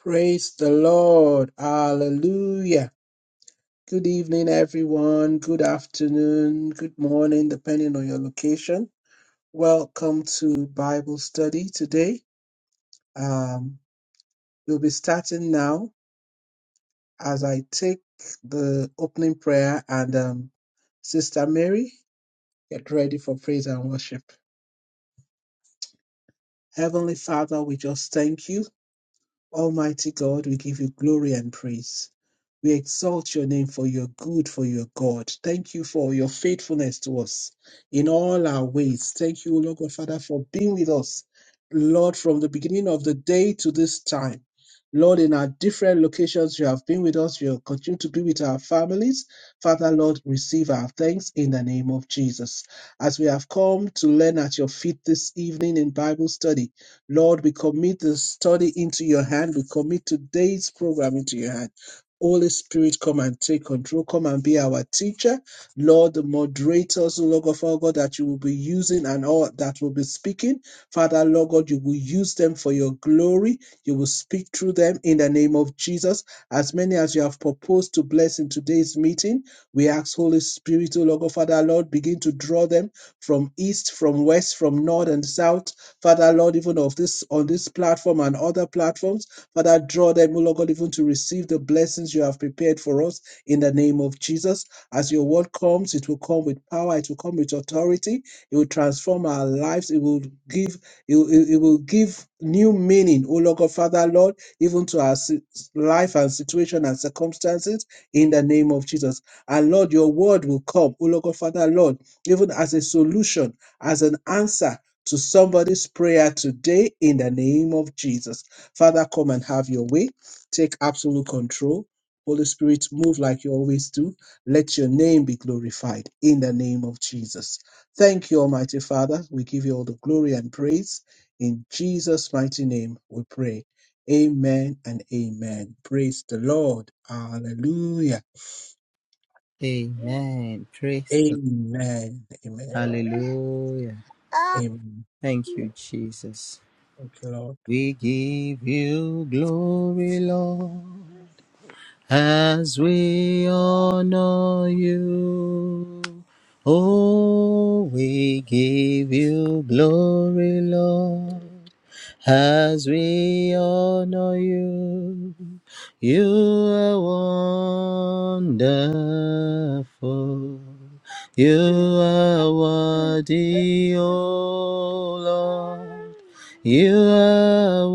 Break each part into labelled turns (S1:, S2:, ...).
S1: Praise the Lord. Hallelujah. Good evening, everyone. Good afternoon. Good morning, depending on your location. Welcome to Bible study today. Um, we'll be starting now as I take the opening prayer and um, Sister Mary, get ready for praise and worship. Heavenly Father, we just thank you. Almighty God, we give you glory and praise. We exalt your name for your good, for your God. Thank you for your faithfulness to us in all our ways. Thank you, Lord God, Father, for being with us, Lord, from the beginning of the day to this time. Lord, in our different locations, you have been with us. You continue to be with our families. Father, Lord, receive our thanks in the name of Jesus. As we have come to learn at your feet this evening in Bible study, Lord, we commit the study into your hand. We commit today's program into your hand. Holy Spirit, come and take control. Come and be our teacher. Lord, the moderators, Lord God, Father God, that you will be using and all that will be speaking. Father, Lord God, you will use them for your glory. You will speak through them in the name of Jesus. As many as you have proposed to bless in today's meeting, we ask, Holy Spirit, O Lord God, Father, Lord, begin to draw them from east, from west, from north and south. Father, Lord, even of this on this platform and other platforms. Father, draw them, O Lord God, even to receive the blessings you have prepared for us in the name of Jesus. As your word comes, it will come with power, it will come with authority, it will transform our lives, it will give, it, will- it, will give new meaning, O Lord God, Father, Lord, even to our si- life and situation and circumstances in the name of Jesus. And Lord, your word will come, O Lord God, Father, Lord, even as a solution, as an answer to somebody's prayer today in the name of Jesus. Father, come and have your way. Take absolute control. Holy Spirit, move like you always do. Let your name be glorified in the name of Jesus. Thank you, Almighty Father. We give you all the glory and praise. In Jesus' mighty name, we pray. Amen and amen. Praise the Lord. Hallelujah.
S2: Amen. Praise the Lord.
S1: Amen. Amen.
S2: Hallelujah.
S1: Amen.
S2: Thank you, Jesus.
S1: Thank you, Lord.
S2: We give you glory, Lord. as we honor you. Oh, we give you glory, Lord, as we honor you. You are wonderful. You are worthy, oh Lord. You are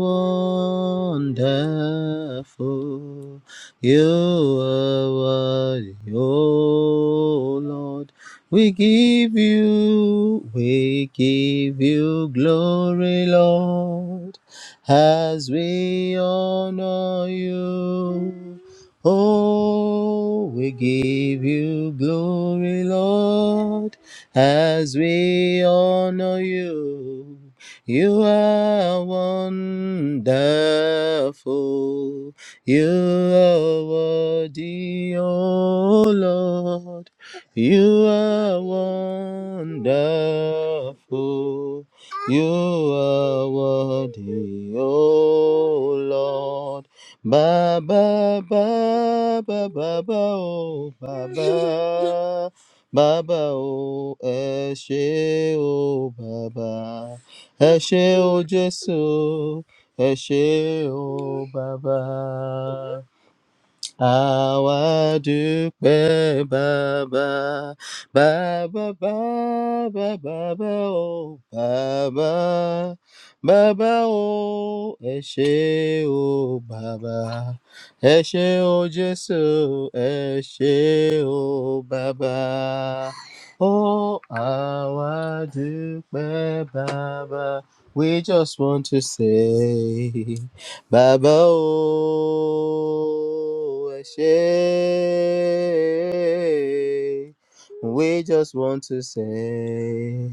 S2: wonderful. You are worthy, O Lord. We give you, we give you glory, Lord, as we honor you. Oh, we give you glory, Lord, as we honor you. You are wonderful. You are worthy, O Lord. You are wonderful. You are worthy, O Lord. Ba ba ba ba ba ba oh ba ba ba ba oh o oh ba ẹ ṣé o jésù ẹ ṣé o bàbá Àwa dúpẹ́ bàbá, bàbá, bàbá, bàbá o, bàbá, bàbá o, ẹ ṣé o bàbá, ẹ ṣé o Jésù, ẹ ṣé o bàbá. Ó àwa dúpẹ́ bàbá, we just want to say. Baba oh, Eshe, we just want to say.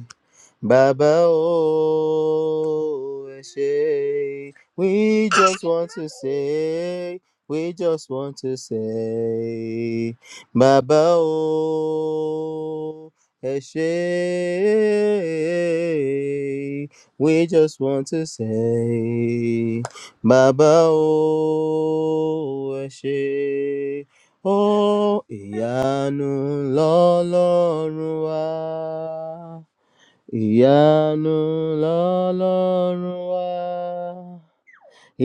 S2: Baba, oh, Eshe, we just want to say, we just want to say, Baba, oh, Eshe, we just want to say, Baba, oh, Eshe, oh, Ìyanu lọ́lọ́run wá. Ìyanu lọ́lọ́run wá.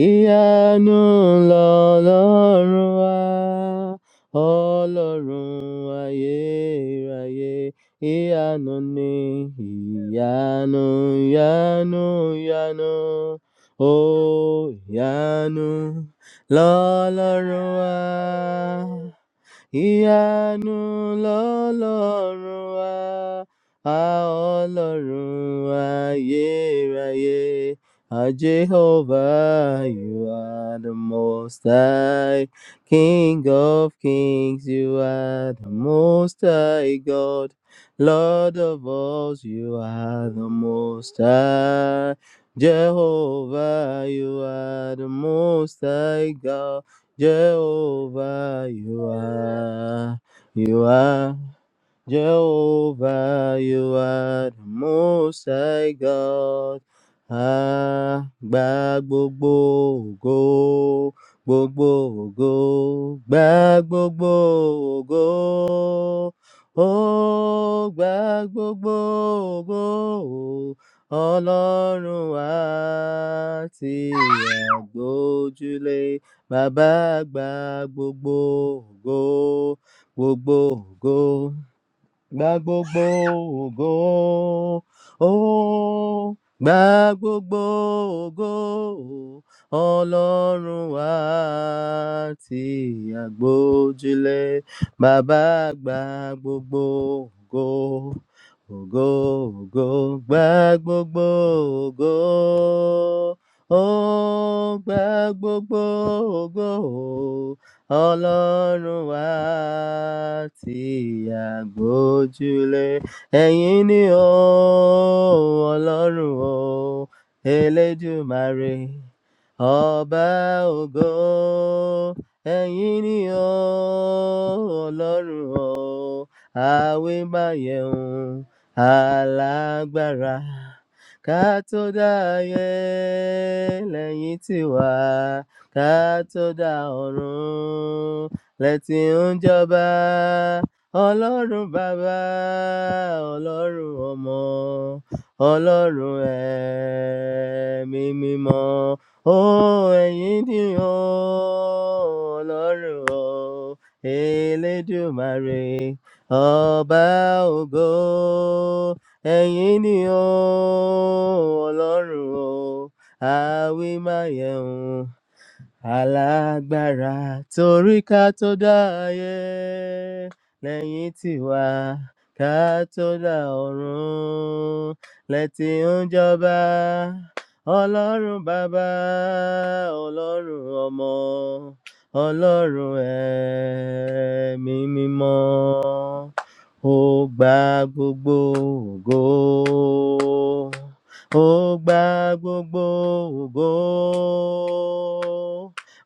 S2: Ìyanu lọ́lọ́run wá. Ọlọ́run ayérayé. Ìyanu ni ìyanu, ìyanu, ìyanu. Ó ìyanu lọ́lọ́run wá ìyanu lọ́lọ́run wá a ọlọ́run ayérayé a jehovah you are the most high king of kings you are the most high god lord of us you are the most high jehovah you are the most high god Jehovah, you are, you are. Jehovah, you are the most high God. Ah, gba gbogbo ògo, gbogbo ògo, gba gbogbo ògo. Ó gba gbogbo ògo, Ọlọ́run wa tí àgbójúlé. Bàbá gba gbogbo ògo, gbogbo ògo gba gbogbo ògo ó gba gbogbo ògo ọlọ́run wa tí àgbójúlé bàbá gba gbogbo ògo ògo ògo gba gbogbo ògo ó gba gbogbo ògo Ọlọ́run wa tí a gbójúlé, ẹ̀yin ni o, Ọlọ́run o, Elédùmarè, Ọba ògo, ẹ̀yin ni o, Ọlọ́run o, àwímáyẹ̀hún, alágbára, ká tó dáyé lẹ́yìn tiwa ká tó dá ọ̀run lẹ́tì ń jọba ọlọ́run bàbá ọlọ́run ọmọ ọlọ́run ẹ̀mí mímọ́ ó ẹ̀yin dìran ọlọ́run o elédùmarè ọba ògo ẹ̀yin ni o ọlọ́run o àwí máa yẹun alágbára torí ká tó dá ayé lẹ́yìn tiwa ká tó dá ọ̀run lẹ́tì ń jọba ọlọ́run bàbá ọlọ́run ọmọ ọlọ́run ẹ̀mí mímọ́ ó gba gbogbo ògo ó gba gbogbo ògo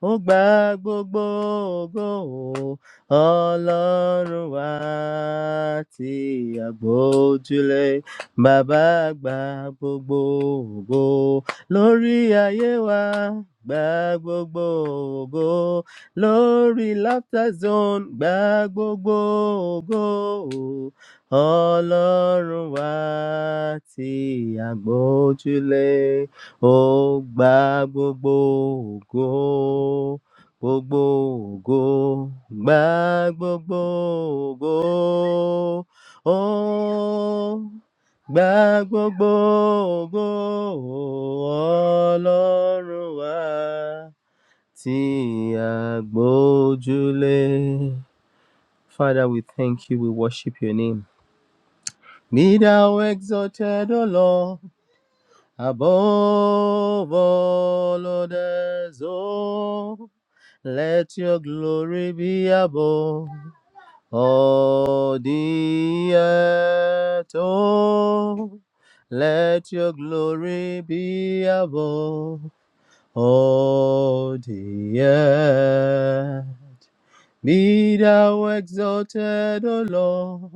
S2: ó gba gbogbo ògo ọlọ́run wa tí àgbójúlé bàbá gba gbogbo ògo lórí ayé wa gba gbogbo ògo lórí laughter zone gba gbogbo ògo ọlọ́run wa tí àgbójúlé. Ó gba gbogbo ògo, gbogbo ògo, gba gbogbo ògo. Ó gba gbogbo ògo, Ọlọ́run wa tí a gbójúlé. Father, we thank you, we worship your name. Be thou exalted, O Lord above all others. Oh, let your glory be above all the earth. Oh, let your glory be above all the earth. Be thou exalted, O Lord,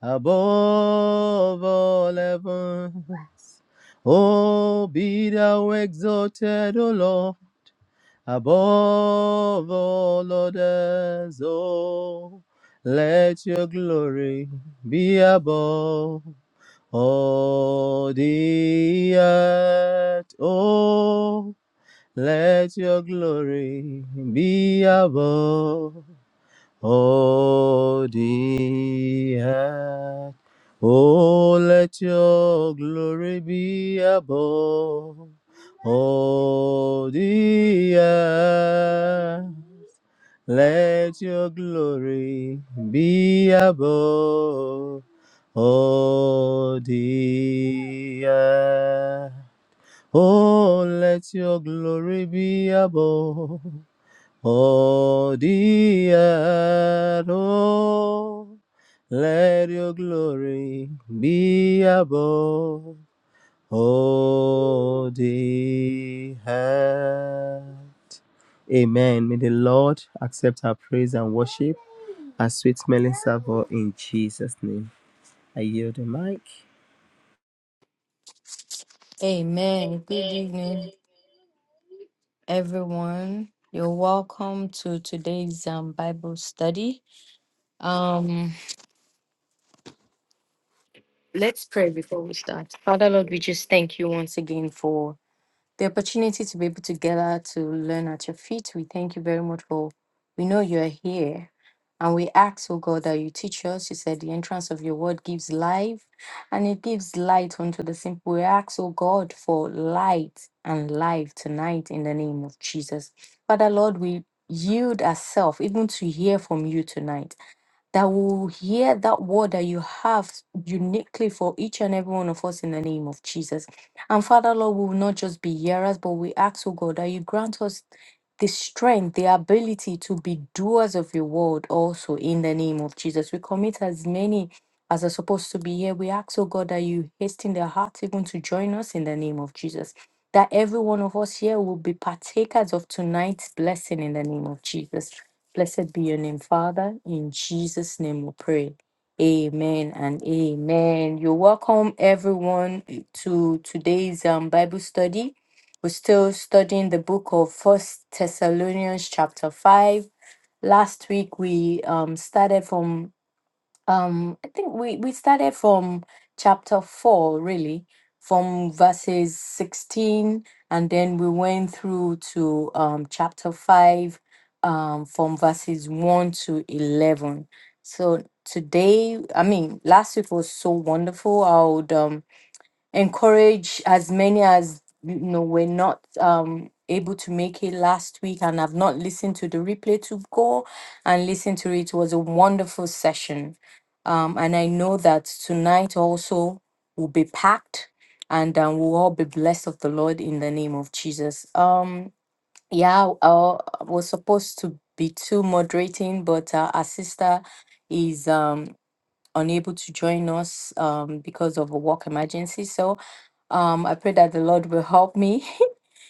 S2: above all heavens. Oh, be thou exalted, O Lord, above all others. Oh, let your glory be above all the earth. Oh, let your glory be above. Oh, the earth. Oh, let your glory be above. Oh, the earth. Let your glory be above. Oh, the earth. Oh, let your glory be above. Oh, dear, earth, oh, let your glory be above. Oh, the earth. Amen. May the Lord accept our praise and worship as sweet smelling savour in Jesus' name. I yield the mic.
S3: Amen. Good evening, everyone. You're welcome to today's um, Bible study. Um, Let's pray before we start. Father Lord, we just thank you once again for the opportunity to be able to gather to learn at your feet. We thank you very much for we know you are here. And we ask, oh God, that you teach us. You said the entrance of your word gives life and it gives light unto the simple. We ask, oh God, for light and life tonight in the name of Jesus. Father, Lord, we yield ourselves even to hear from you tonight that will hear that word that you have uniquely for each and every one of us in the name of Jesus. And Father, Lord, we will not just be hearers, but we ask, oh God, that you grant us the strength, the ability to be doers of your word also in the name of Jesus. We commit as many as are supposed to be here. We ask, oh God, that you hasten their hearts even to join us in the name of Jesus. That every one of us here will be partakers of tonight's blessing in the name of Jesus. Blessed be your name, Father. In Jesus' name we pray. Amen and amen. You're welcome, everyone, to today's um, Bible study. We're still studying the book of First Thessalonians, chapter 5. Last week, we um, started from um, I think we we started from chapter four, really, from verses sixteen, and then we went through to um chapter five, um, from verses one to eleven. So today, I mean, last week was so wonderful. I would um encourage as many as you know We're not um able to make it last week and have not listened to the replay to go and listen to it. It was a wonderful session. Um, and I know that tonight also will be packed and um, we'll all be blessed of the Lord in the name of Jesus. Um, yeah, uh, I was supposed to be too moderating, but uh, our sister is um, unable to join us um, because of a work emergency. So um, I pray that the Lord will help me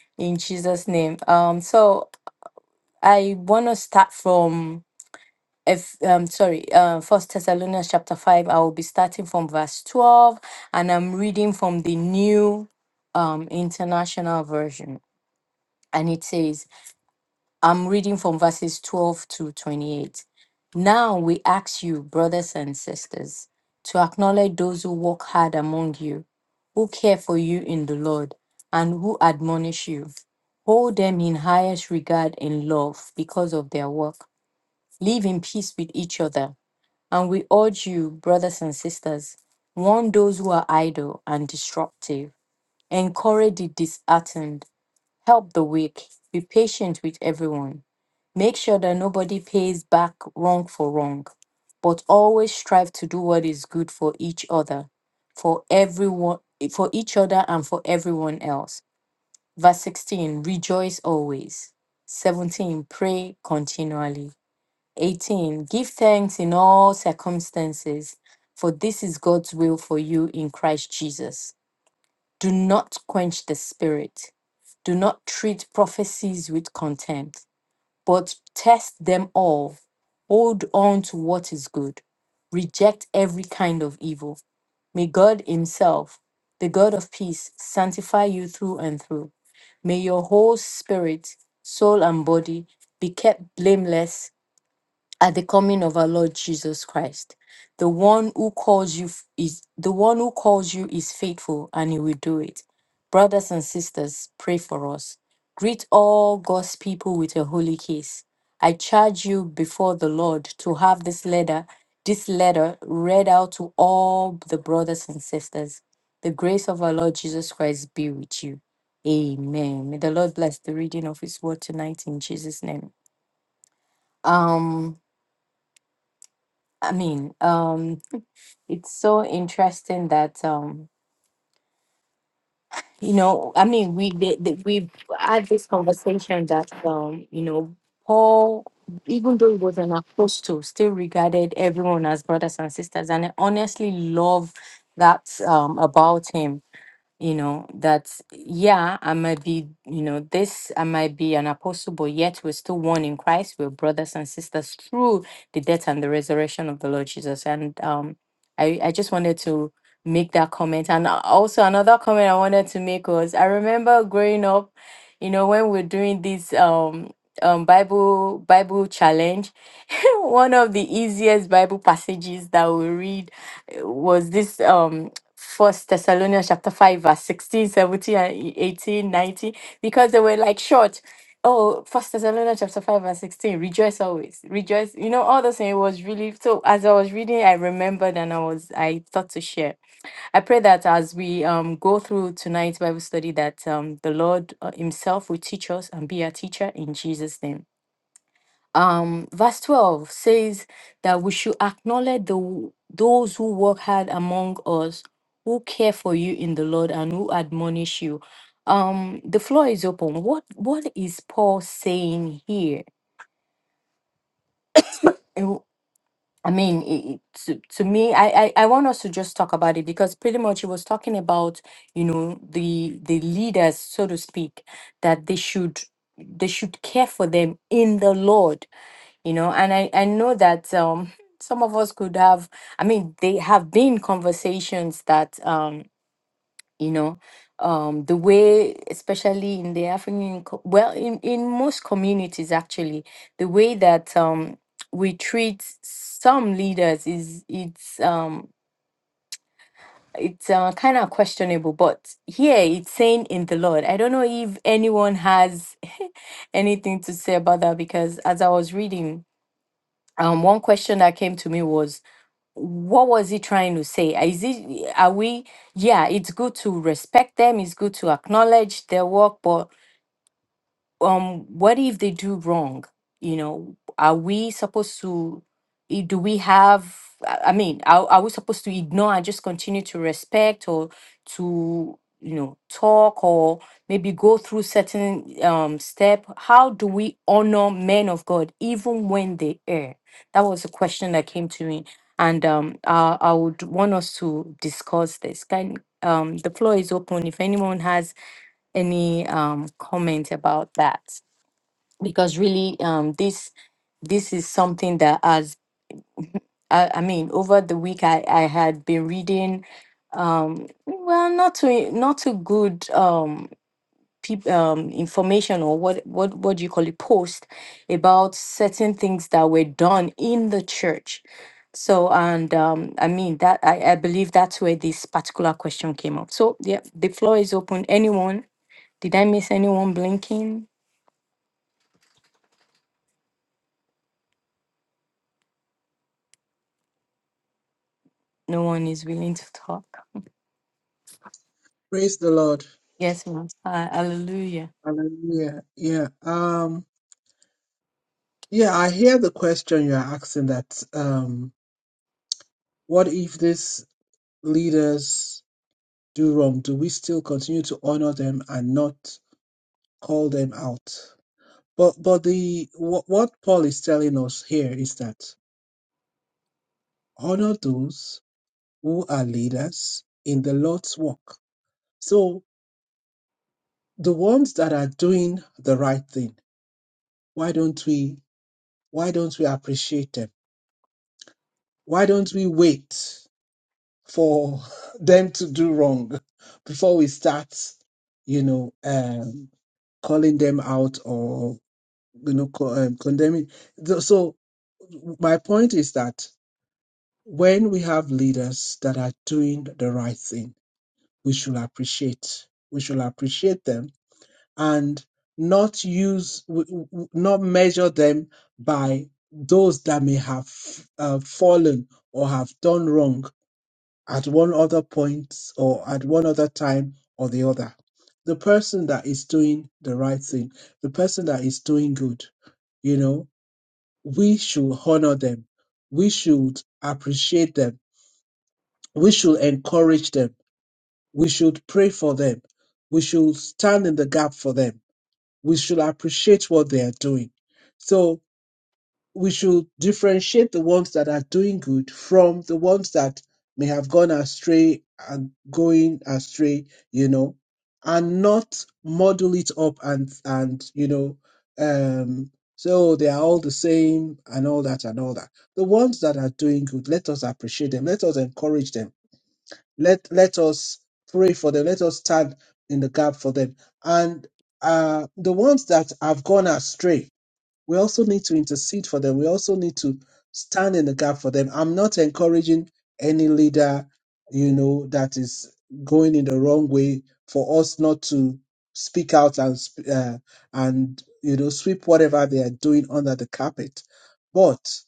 S3: in Jesus' name. Um, so I want to start from if um sorry, uh, First Thessalonians chapter five. I will be starting from verse twelve, and I'm reading from the New um International Version, and it says. I'm reading from verses 12 to 28. Now we ask you, brothers and sisters, to acknowledge those who work hard among you, who care for you in the Lord, and who admonish you. Hold them in highest regard and love because of their work. Live in peace with each other. And we urge you, brothers and sisters, warn those who are idle and disruptive, encourage the disheartened Help the weak. Be patient with everyone. Make sure that nobody pays back wrong for wrong, but always strive to do what is good for each other, for everyone, for each other and for everyone else. Verse 16, rejoice always. 17, pray continually. 18, give thanks in all circumstances, for this is God's will for you in Christ Jesus. Do not quench the spirit. Do not treat prophecies with contempt, but test them all. Hold on to what is good. Reject every kind of evil. May God Himself, the God of peace, sanctify you through and through. May your whole spirit, soul, and body be kept blameless at the coming of our Lord Jesus Christ. The one who calls you f- is the one who calls you is faithful and he will do it. Brothers and sisters, pray for us. Greet all God's people with a holy kiss. I charge you before the Lord to have this letter, this letter read out to all the brothers and sisters. The grace of our Lord Jesus Christ be with you. Amen. May the Lord bless the reading of his word tonight in Jesus' name. Um I mean, um, it's so interesting that um, you know, I mean, we did did- we had this conversation that um, you know, Paul, even though he was an apostle, still regarded everyone as brothers and sisters, and I honestly love that um about him you know that yeah i might be you know this i might be an apostle but yet we're still one in christ we're brothers and sisters through the death and the resurrection of the lord jesus and um i i just wanted to make that comment and a- also another comment i wanted to make was i remember growing up you know when we're doing this um um bible bible challenge one of the easiest Bible passages that we read uh, was this um First Thessalonians chapter 5, verse 16, seventeen, and e- 18, nineteen, because they were like short. Oh, First Thessalonians chapter 5, verse 16, rejoice always. Rejoice. You know, all those things it was really so as I was reading, I remembered and I was I thought to share. I pray that as we um go through tonight's Bible study, that um the Lord uh, Himself will teach us and be our teacher in Jesus' name um, verse 12 says that we should acknowledge the, those who work hard among us, who care for you in the Lord, and who admonish you. Um, the floor is open. What What is Paul saying here? And I mean, it, it- to, to me, I, I, I want us to just talk about it because pretty much he was talking about, you know, the the leaders, so to speak, that they should they should care for them in the Lord you know and i i know that um some of us could have i mean they have been conversations that um you know um the way especially in the african co- well in in most communities actually the way that um we treat some leaders is it's um it's uh, kind of questionable but here it's saying in the lord i don't know if anyone has anything to say about that because as i was reading um one question that came to me was what was he trying to say is it are we yeah it's good to respect them it's good to acknowledge their work but um what if they do wrong you know are we supposed to i- do we have i I mean are, are we supposed to ignore and just continue to respect or to you know talk or maybe go through certain um step how do we honor men of god even when they err that was a question that came to me and um uh, i would want us to discuss this can um the floor is open if anyone has any um comment about that because really um this this is something that as I, I mean over the week I I had been reading um well not too not too good um peop- um information or what what what do you call it post about certain things that were done in the church so and um I mean that I, I believe that's where this particular question came up so yeah the floor is open anyone did I miss anyone blinking no one is willing to talk
S1: Praise the Lord.
S3: Yes, ma. Uh, hallelujah.
S1: Hallelujah. Yeah. Um, yeah, I hear the question you're asking that Um. What if these leaders do wrong? Do we still continue to honor them and not call them out? But but the what, what Paul is telling us here is that honor those who are leaders in the Lord's work. So the ones that are doing the right thing, why don't we why don't we appreciate them? Why don't we wait for them to do wrong before we start, you know, um. calling them out or you know co- um, condemning. Th- So my point is that when we have leaders that are doing the right thing, we should appreciate. We should appreciate them and not use, w- w- w- not measure them by those that may have uh, fallen or have done wrong at one other point or at one other time or the other. The person that is doing the right thing, the person that is doing good, you know, we should honor them. We should appreciate them. We should encourage them. We should pray for them. We should stand in the gap for them. We should appreciate what they are doing. So. we should differentiate the ones that are doing good from the ones that may have gone astray and going astray, you know, and not model it up and and you know, um, so they are all the same and all that and all that. The ones that are doing good, let us appreciate them, let us encourage them, let let us pray for them, let us stand in the gap for them, and uh, the ones that have gone astray, we also need to intercede for them. We also need to stand in the gap for them. I'm not encouraging any leader, you know, that is going in the wrong way for us not to speak out and sp- uh, and you know sweep whatever they are doing under the carpet. But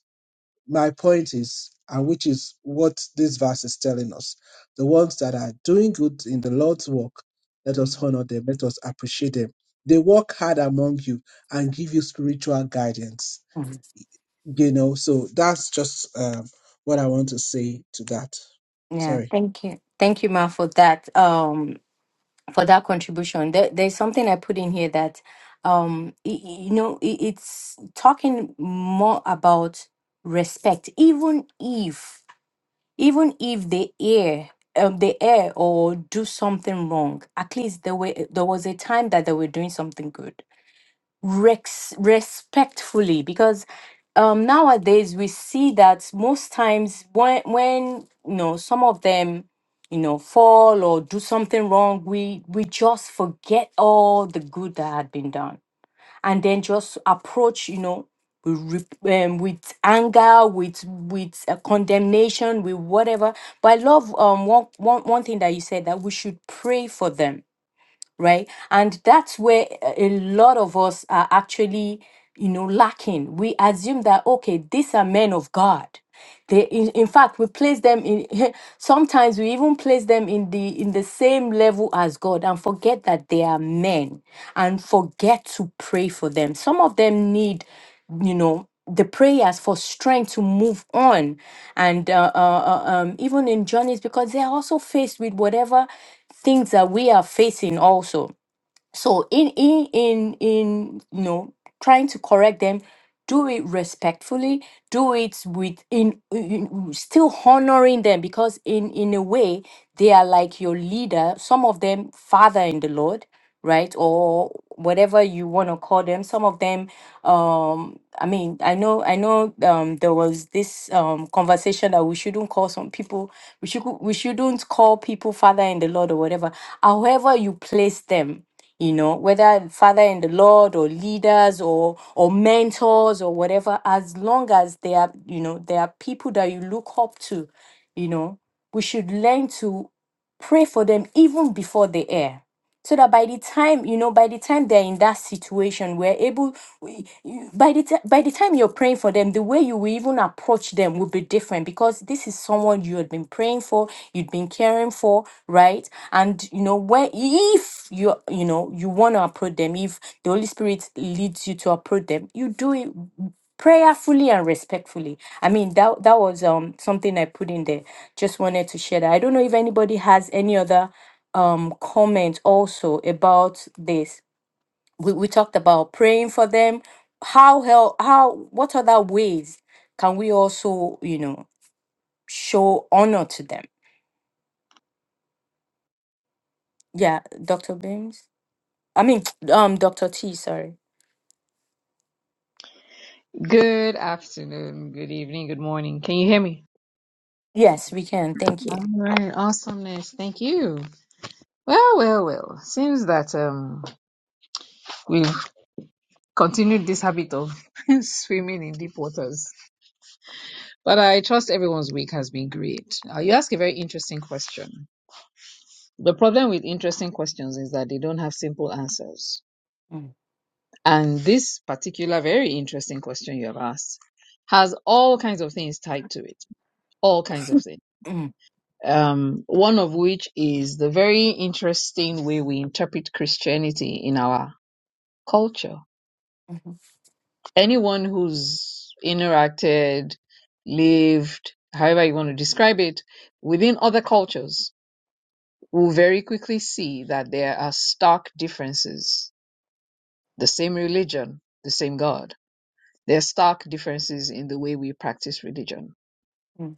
S1: my point is, and which is what this verse is telling us, the ones that are doing good in the Lord's work, let us
S3: Mhm.
S1: honor them, let us appreciate them. They work hard among you and give you spiritual guidance.
S3: Mhm.
S1: You know, so that's just um, what I want to say to that.
S3: Yeah,
S1: Sorry.
S3: thank you. Thank you, ma, for that um for that contribution. There, there's something I put in here that um y- y- you know i- it's talking more about respect, even if even if they err um they err or do something wrong. At least there were there was a time that they were doing something good rex- respectfully because um, nowadays we see that most times when when you know some of them you know fall or do something wrong we we just forget all the good that had been done and then just approach you know with, re- um, with anger with with uh, condemnation with whatever but i love um one, one one thing that you said that we should pray for them right? And that's where a a lot of us are actually, you know, lacking. We assume that okay, these are men of God. They, in, in fact, we place them in. Sometimes we even place them in the in the same level as God, and forget that they are men, and forget to pray for them. Some of them need, you know, the prayers for strength to move on, and uh, uh, uh, um, even in journeys because they are also faced with whatever things that we are facing also so in in in in you know trying to correct them do it respectfully do it with in, in- still honoring them because in in a way they are like your leader some of them father in the lord right or whatever you want to call them some of them um i mean i know i know um there was this um conversation that we shouldn't call some people we should we shouldn't call people father in the lord or whatever however you place them you know, whether father in the Lord or leaders or or mentors or whatever, as long as they are, you know, there are people that you look up to, you know, we should learn to pray for them even before they air so that by the time you know by the time they're in that situation we're able we, you- by the ti- by the time you're praying for them the way you will even approach them will be different because this is someone you had been praying for you'd been caring for right and you know when if you you know you want to approach them if the holy spirit leads you to approach them you do it prayerfully and respectfully i mean that that was um something i put in there just wanted to share that i don't know if anybody has any other um comment also about this. We, we talked about praying for them. How hell how what other ways can we also, you know, show honor to them? Yeah, Dr. Beams. I mean um Dr. T, sorry.
S4: Good afternoon, good evening, good morning. Can you hear me?
S3: Yes, we can. Thank you.
S4: All right, awesomeness. Thank you. Well, well, well. Seems that um we've continued this habit of swimming in deep waters. But I trust everyone's week has been great. Uh, you ask a very interesting question. The problem with interesting questions is that they don't have simple answers.
S3: Mm,
S4: And this particular very interesting question you have asked has all kinds of things tied to it. All kinds of things.
S3: mm,
S4: um, one of which is the very interesting way we interpret Christianity in our culture.
S3: mhm,
S4: Anyone who's interacted, lived, however you want to describe it, within other cultures will very quickly see that there are stark differences. The same religion, the same God. There are stark differences in the way we practice religion
S3: mm,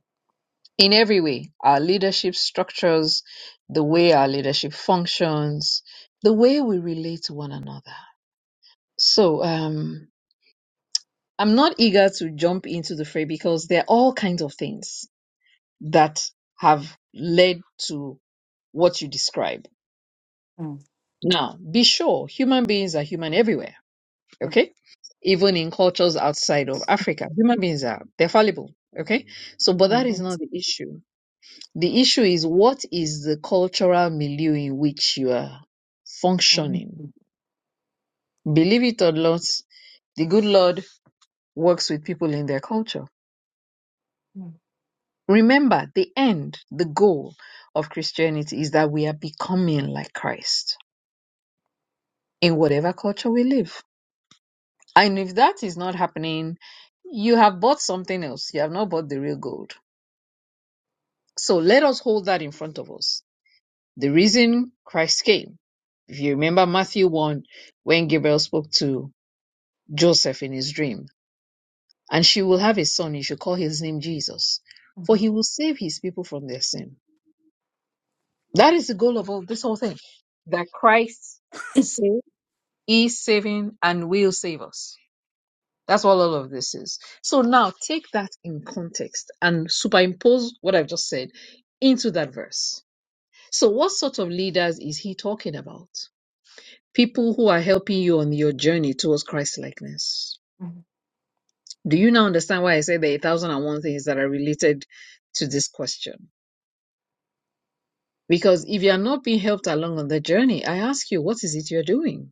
S4: in every way our leadership structures, the way our leadership functions, the way we relate to one another. So, um, I'm not eager to jump into the fray because there are all kinds of things that have led to what you describe.
S3: mm,
S4: Now, be sure human beings are human everywhere,
S3: yeah,
S4: okay? Even in cultures outside of Africa, human beings are, they're fallible, okay? So,
S3: yeah,
S4: but that
S3: mm,
S4: is
S3: mm,
S4: not the issue The issue is what is the cultural milieu in which you are
S3: mm, mm,
S4: functioning? Believe it or not, the good Lord works with people in their culture. Remember, the end, the goal of Christianity is that we are becoming like Christ in whatever culture we live. And if that is not happening, you have bought something else. You have not bought the real gold. So let us hold that in front of us. The reason Christ came, if you remember Matthew 1, when Gabriel spoke to Joseph in his dream, and she will have a son. You should call his name Jesus,
S3: mhm, mm, mm-hmm, mm-hmm,
S4: for he will save his people from their sin. That is the goal of all, this whole thing. That Christ saved, is saving, and will save us. That's what all of this is. So now take that in context and superimpose what I've just said into that verse. So, what sort of leaders is he talking about? People who are helping you on your journey towards Christ likeness Do you now understand why I say there are a thousand and one things that are related to this question? Because if you are not being helped along on the journey, I ask you, what is it you're doing?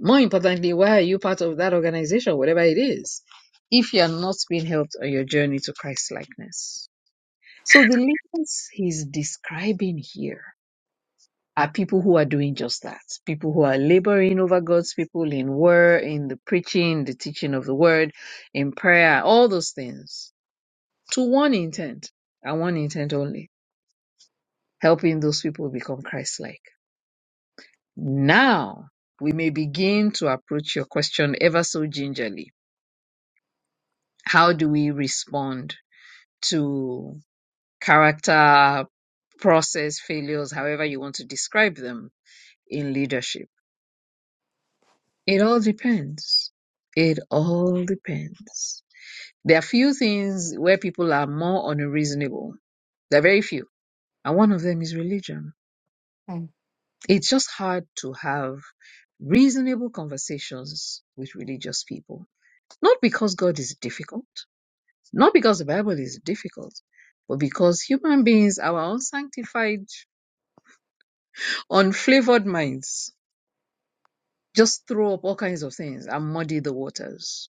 S4: More importantly, why are you part of that organization, whatever it is, if you are not being helped on your journey to Christ likeness? So the leaders he's describing here are people who are doing just that. People who are laboring over God's people in word, in the preaching, the teaching of the word, in prayer, all those things to one intent and one intent only helping those people become Christ like. Now we may begin to approach your question ever so gingerly. How do we respond to character, process, failures, however you want to describe them in leadership? It all depends. It all depends. There are few things where people are more unreasonable. There are very few. And one of them is religion. It's just hard to have reasonable conversations with religious people. Not because God is difficult, not because the Bible is difficult, but because human beings, our unsanctified, unflavored minds, just throw up all kinds of things and muddy the waters.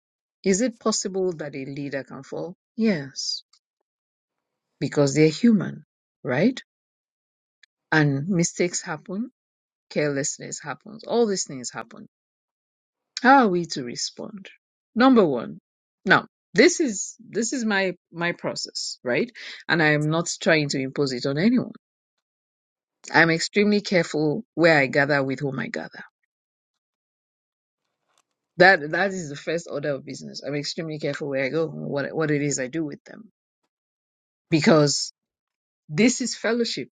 S4: Is it possible that a leader can fall? Yes, because they're human, right? And mistakes happen, carelessness happens, all these things happen. How are we to respond? Number one. Now, this is this is my my process, right? And I am not trying to impose it on anyone. I'm extremely careful where I gather with whom I gather. That that is the first order of business. I'm extremely careful where I go, what what it is I do with them, because this is fellowship.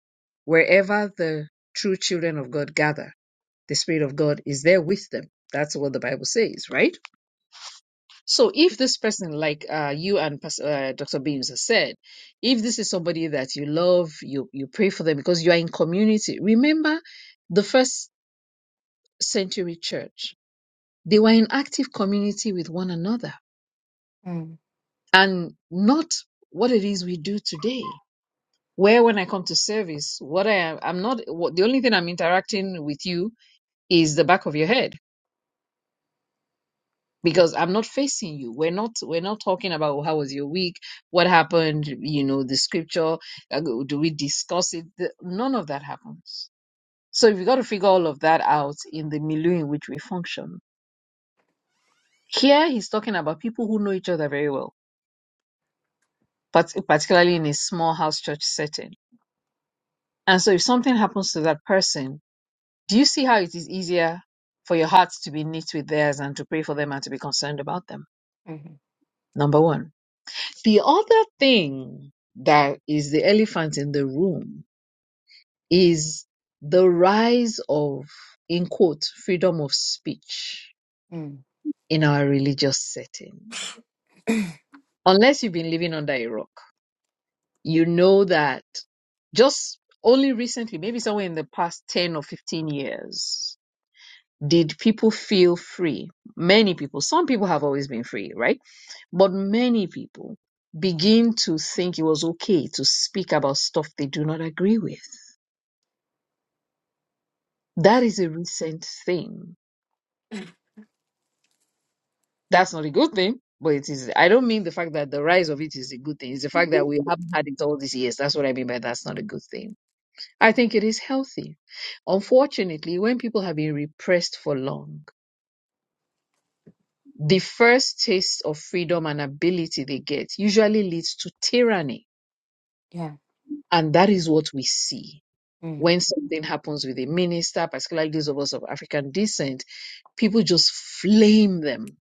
S4: Wherever the true children of God gather, the Spirit of God is there with them. That's what the Bible says, right? So if this person, like uh, you and Pas- uh, Dr. Beams has said, if this is somebody that you love, you you pray for them because you are in community. Remember the first century church; they were in active community with one another,
S3: mm, mm,
S4: and not what it is we do today. Where when I come to service, what I am, I'm not what, the only thing I'm interacting with you is the back of your head because I'm not facing you. We're not we're not talking about "Oh, how was your week, what happened, you know, the scripture, uh, do we discuss it? The, none of that happens. So we got to figure all of that out in the milieu in which we function. Here he's talking about people who know each other very well, but particularly in a small house church setting. And so if something happens to that person, do you see how it is easier for your hearts to be knit with theirs and to pray for them and to be concerned about them?
S3: mhm,
S4: Number one. The other thing that is the elephant in the room is the rise of, in quote, freedom of speech
S3: mm,
S4: in our religious setting. Unless you've been living under a rock, you know that just only recently, maybe somewhere in the past 10 or 15 years, did people feel free? Many people, some people have always been free, right? But many people begin to think it was okay to speak about stuff they do not agree with. That is a recent thing. That's not a good thing, but it is. I don't mean the fact that the rise of it is a good thing. It's the fact that we haven't had it all these years. That's what I mean by that's not a good thing. I think it is healthy. Unfortunately, when people have been repressed for long, the first taste of freedom and ability they get usually leads to tyranny.
S3: yeah,
S4: And that is what we see
S3: mm,
S4: when something happens with a minister, particularly those of us of African descent, people just flame them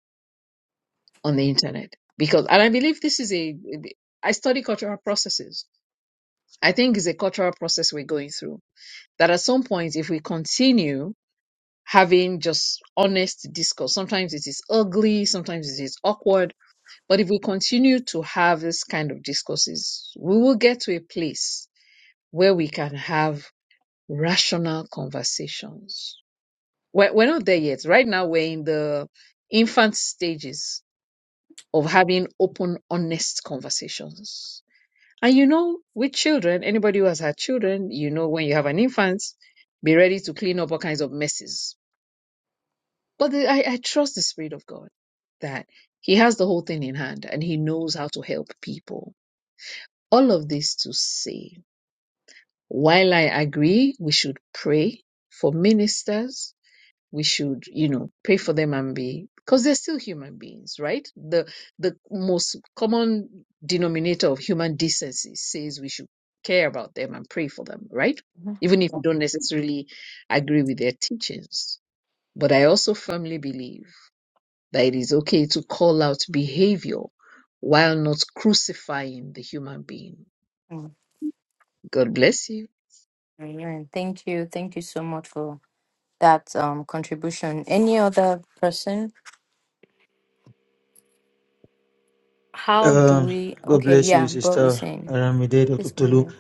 S4: on the internet. Because, and I believe this is a, I study cultural processes. I think it's a cultural process we're going through. That at some point, if we continue having just honest discourse, sometimes it is ugly, sometimes it is awkward, But if we continue to have this kind of discourses, we will get to a place where we can have rational conversations. We're, we're not there yet. Right now, we're in the infant stages of having open, honest conversations. And you know, with children, anybody who has had children, you know, when you have an infant, be ready to clean up all kinds of messes. But the, I, I trust the Spirit of God that He has the whole thing in hand and He knows how to help people All of this to say, while I agree we should pray for ministers, we should, you know, pray for them and be because they're still human beings, right? The the most common denominator of human decency says we should care about them and pray for them, right?
S3: mhm,
S4: Even if you
S3: yeah,
S4: don't necessarily agree with their teachings. But I also firmly believe that it is okay to call out behavior while not crucifying the human being.
S3: mm.
S4: God bless you.
S3: Amen. Thank you. Thank you so much for that um contribution. Any other person? How do
S5: Um,
S3: we?
S5: God
S3: Okay,
S5: bless
S3: yeah,
S5: you,
S3: bro
S5: Sister
S3: Hussein,
S5: Aramide Dr.
S3: please go
S5: Tolu.
S3: ahead.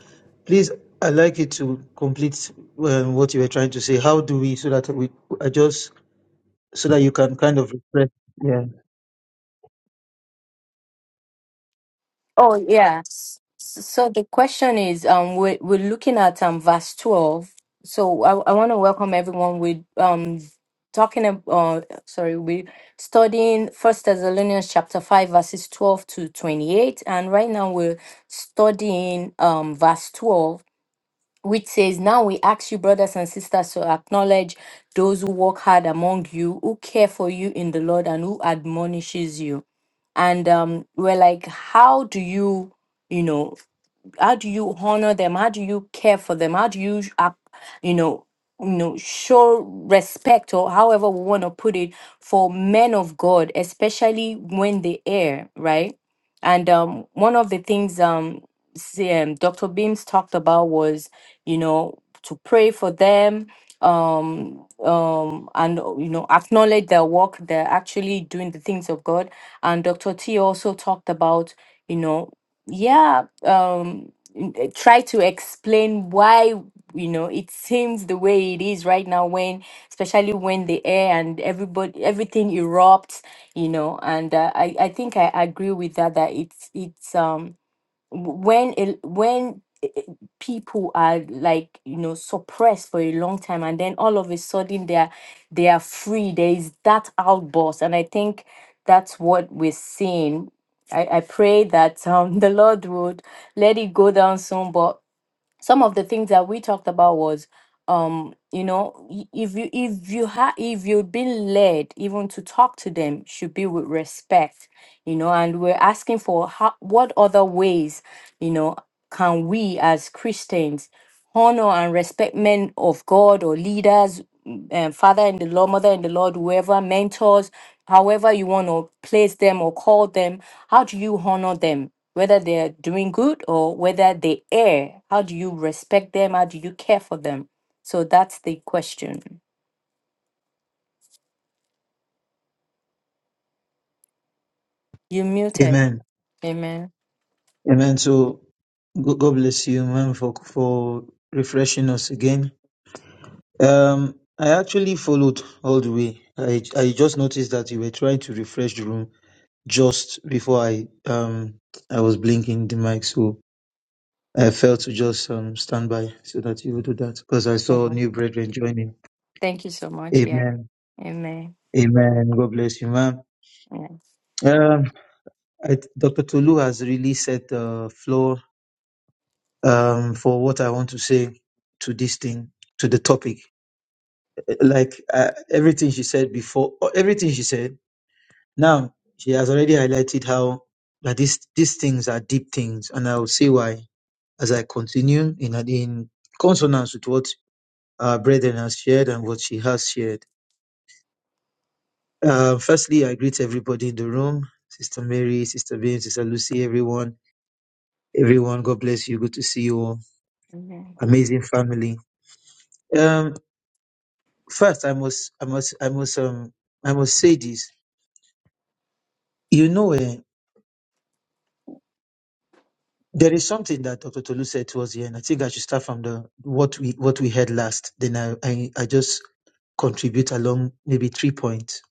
S5: Please, I'd like you to complete um, what you were trying to say. How do we, so that we adjust so that you can kind of refresh? Yeah.
S3: Oh yeah. S- So the question is, um, we're we're looking at um verse twelve. So I I want to welcome everyone. with um talking about uh, sorry we studying first thessalonians chapter 5 verses 12 to 28 and right now we're studying um verse 12 which says, Now we ask you, brothers and sisters, to acknowledge those who work hard among you, who care for you in the Lord, and who admonishes you. And um, we're like, How do you, you know? how do you honor them how do you care for them how do you uh, you know you know show respect or however we want to put it for men of god especially when they err right and um one of the things um say, um, dr beams talked about was you know to pray for them um um and uh, you know acknowledge their work they're actually doing the things of god and dr t also talked about you know yeah um n- eh, try to explain why you know it seems the way it is right now when especially when the air and everybody everything erupts you know and uh, i i think i agree with that that it's it's um when it, when i- i- people are like you know suppressed for a long time and then all of a sudden they are they are free there is that outburst and i think that's what we're seeing i, I pray that um the lord would let it go down soon but some of the things that we talked about was um you know y- if you if you have if you've been led even to talk to them should be with respect you know and we're asking for how what other ways you know can we as christians honor and respect men of god or leaders m- um, father in the lord mother in the lord whoever mentors however you want to place them or call them how do you honor them whether they're doing good or whether they err. How do you respect them? How do you care for them? So that's the question. You muted.
S5: Amen.
S3: Amen.
S5: Amen. So, go- God bless you, man, for, for refreshing us again. Um, I actually followed all the way. I, I just noticed that you were trying to refresh the room just before I um I was blinking the mic. So I felt to just um, stand by so that you would do that because I saw
S3: Amen.
S5: new brethren joining.
S3: Thank you so much. Yeah.
S5: Amen.
S3: Amen.
S5: Amen. God bless you, ma'am.
S3: Yeah.
S5: Um, I, Dr. Tolu has really set the floor um, for what I want to say to this thing, to the topic. Like uh, everything she said before, or everything she said, now she has already highlighted how that these these things are deep things, and I'll see why as I continue in, in consonance with what our brethren has shared and what she has shared. Uh, firstly, I greet everybody in the room, Sister Mary, Sister Bean, Sister Lucy, everyone, everyone. God bless you. Good to see you all.
S3: Amen.
S5: Amazing family. Um, first, I must, I must, I must, um, I must say this. You know, eh, there is something that Dr. Tolu said towards the end. I think I should start from the what we what we heard last. Then I, I, I just contribute along maybe three points.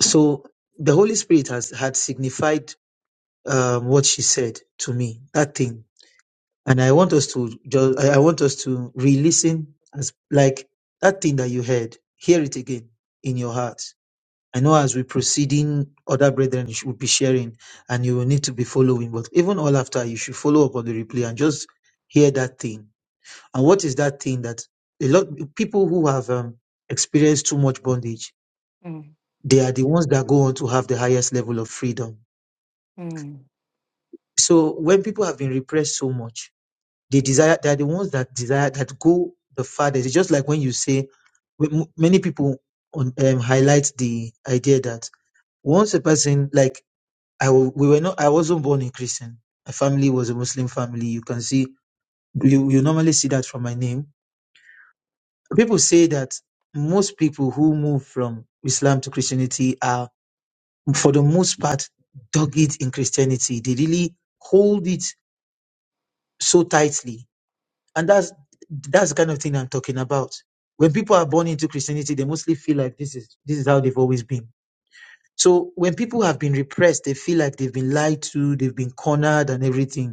S5: So the Holy Spirit has had signified um, what she said to me. That thing And I want us to just I I want us to re-listen as like that thing that you heard, hear it again in your heart. I know as we proceeding, other brethren sh- will be sharing and you will need to be following, but even all after you should follow up on the replay and just hear that thing. And what is that thing that a lot people who have um, experienced too much bondage,
S3: Mm,
S5: they are the ones that go on to have the highest level of freedom.
S3: mm,
S5: So when people have been repressed so much, They desire, they are the ones that desire, that go the farthest. It's just like when you say, when m- many people on, um, highlight the idea that once a person, like, I, wa- we were not, I wasn't born a Christian. My family was a Muslim family. You can see, you, you normally see that from my name. People say that most people who move from Islam to Christianity are, for the most part, dogged in Christianity. They really hold it so tightly And that's that's the kind of thing I'm talking about. When people are born into Christianity, they mostly feel like this is this is how they've always been. So when people have been repressed, they feel like they've been lied to, they've been cornered and everything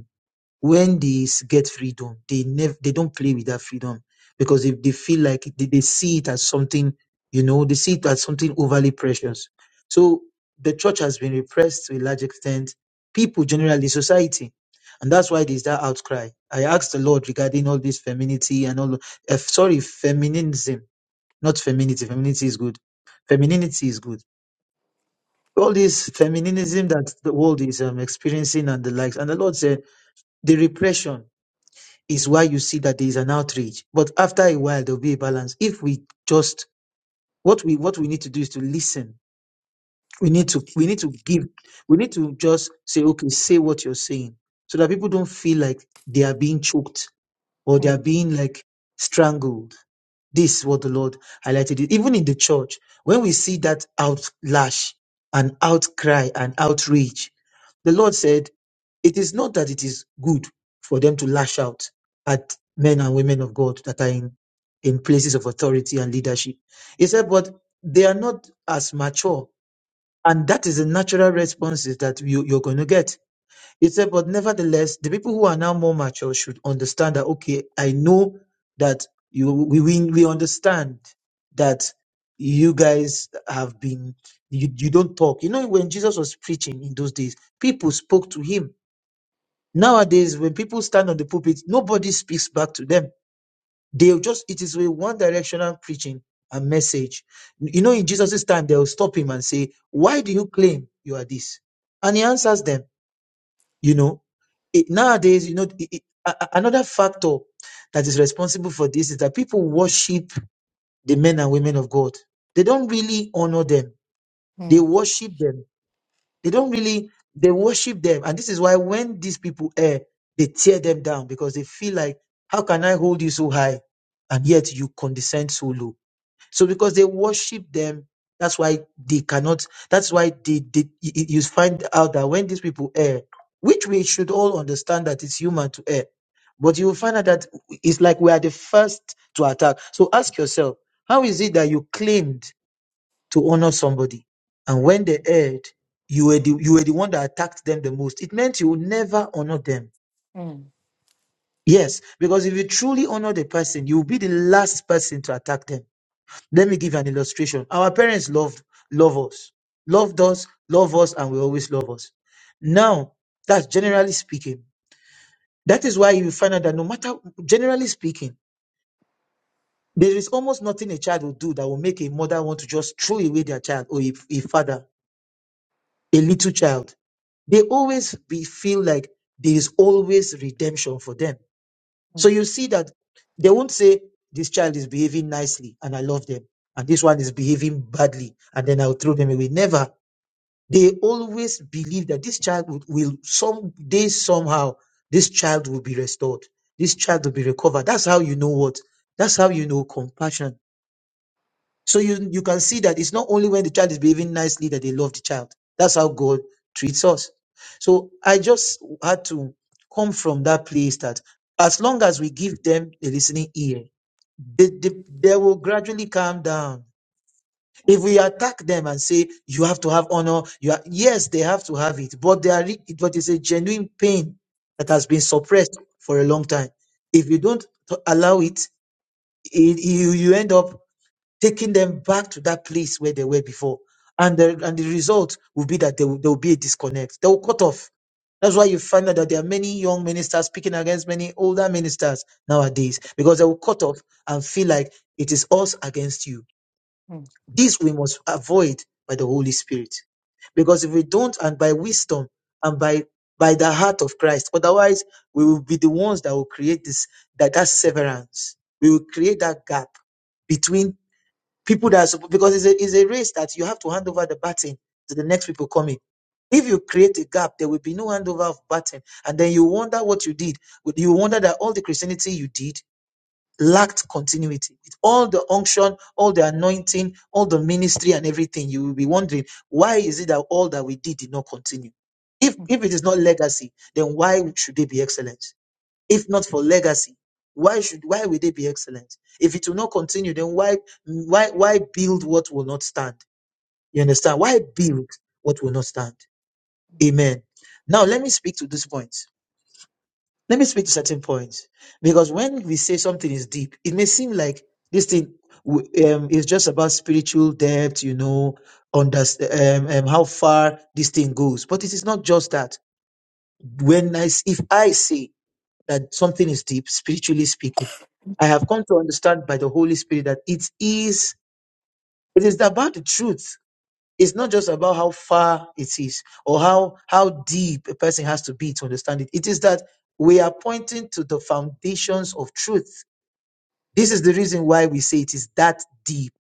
S5: when they s- get freedom, they never they don't play with that freedom because if they feel like it- they, they see it as something, you know, they see it as something overly precious. So the church has been repressed to a large extent, people generally, society. And that's why there's that outcry. I asked the Lord regarding all this femininity and all, uh, sorry, feminism, not femininity. Femininity is good. Femininity is good. All this feminism that the world is um, experiencing and the likes. And the Lord said, the repression is why you see that there is an outrage. But after a while, there'll be a balance. If we just what we what we need to do is to listen. We need to we need to give. We need to just say, okay, say what you're saying, so that people don't feel like they are being choked or they
S3: mm.
S5: are being like strangled. This is what the Lord highlighted. Even in the church, when we see that outlash and outcry and outrage, the Lord said it is not that it is good for them to lash out at men and women of God that are in, in places of authority and leadership. He said, but they are not as mature. And that is the natural responses that you, you're going to get. He said, but nevertheless, the people who are now more mature should understand that, okay, I know that you, we, we, we understand that you guys have been you, you don't talk. You know, when Jesus was preaching in those days, people spoke to him Nowadays, when people stand on the pulpit, nobody speaks back to them. They'll just, it is a one directional preaching and message. You know, in Jesus' time, they'll stop him and say, Why do you claim you are this? And he answers them, You know, it, nowadays, you know, it, it- a- a- another factor that is responsible for this is that people worship the men and women of God. They don't really honor them, they
S3: Mm,
S5: worship them They don't really they worship them, and this is why when these people err, they tear them down because they feel like, how can I hold you so high, and yet you condescend so low? So because they worship them, that's why they cannot. That's why they, they you you- you find out that when these people err, which we should all understand that it's human to err, but you will find out that it's like we are the first to attack. So ask yourself, how is it that you claimed? to honor somebody. And when they erred, you were the you were the one that attacked them the most. It meant you would never honor them.
S3: mm,
S5: Yes, because if you truly honor the person, you will be the last person to attack them. Let me give you an illustration. Our parents loved love us, loved us, love us, and will always love us. Now, that's generally speaking. That is why you find out that no matter generally speaking, there is almost nothing a child will do that will make a mother want to just throw away their child or a, a father, a little child they always be feel like there is always redemption for them. So
S3: mm,
S5: you see that they won't say this child is behaving nicely and I love them, and this one is behaving badly, and then I'll throw them away. Never. They always believe that this child will, will someday somehow this child will be restored. This child will be recovered. That's how you know what. That's how you know compassion so you you can see that it's not only when the child is behaving nicely that they love the child. That's how God treats us. So I just had to come from that place that as long as we give them a listening ear, they, they, they will gradually calm down. If we attack them and say you have to have honor, you are, yes, they have to have it, but they are re- but it's a genuine pain that has been suppressed for a long time. If you don't t- allow it, it you you end up taking them back to that place where they were before. And the, and the result will be that there will, there will be a disconnect. They will cut off. That's why you find out that there are many young ministers speaking against many older ministers nowadays because they will cut off and feel like it is us against you.
S3: mm,
S5: This we must avoid by the Holy Spirit. Because if we don't, and by wisdom and by by the heart of Christ, otherwise we will be the ones that will create this that, that severance. We will create that gap between people that are, suppo- because it's a, it's a race that you have to hand over the baton to the next people coming. If you create a gap, there will be no handover of baton, and then you wonder what you did. You wonder that all the Christianity you did lacked continuity. With all the unction, all the anointing, all the ministry, and everything, you will be wondering why is it that all that we did did not continue. If if it is not legacy, then why should they be excellent? if not for legacy why should why will they be excellent if it will not continue then why why why build what will not stand you understand why build what will not stand amen now let me speak to this point let me speak to certain points because when we say something is deep it may seem like this thing w- um, is just about spiritual depth you know understand um, um, how far this thing goes but it is not just that when i s- if i say that something is deep, spiritually speaking. I have come to understand by the Holy Spirit that it is it is about the truth. It's not just about how far it is or how how deep a person has to be to understand it. It is that we are pointing to the foundations of truth. This is the reason why we say it is that deep.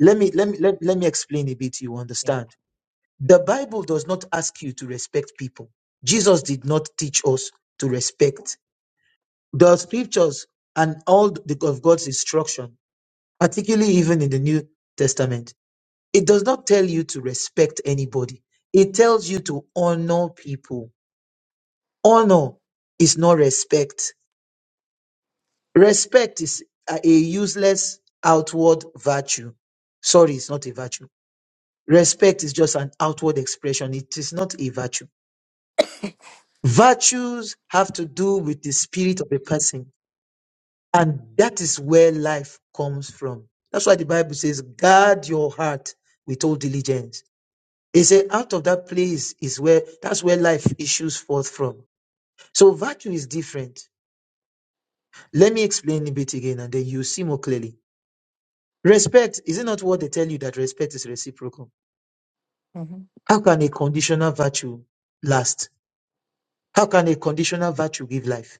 S5: Let me let me let, let me explain a bit you understand. The Bible does not ask you to respect people. Jesus did not teach us to respect the scriptures and all the, of God's instruction, particularly even in the New Testament, it does not tell you to respect anybody. It tells you to honor people. Honor is not respect. Respect is a a useless outward virtue. Sorry, it's not a virtue. Respect is just an outward expression. It is not a virtue. Virtues have to do with the spirit of a person And that is where life comes from. That's why the Bible says, guard your heart with all diligence. It says, out of that place is where, that's where life issues forth from. So virtue is different. Let me explain a bit again and then you see more clearly. Respect, is it not what they tell you that respect is reciprocal?
S3: mhm,
S5: How can a conditional virtue last? How can a conditional virtue give life?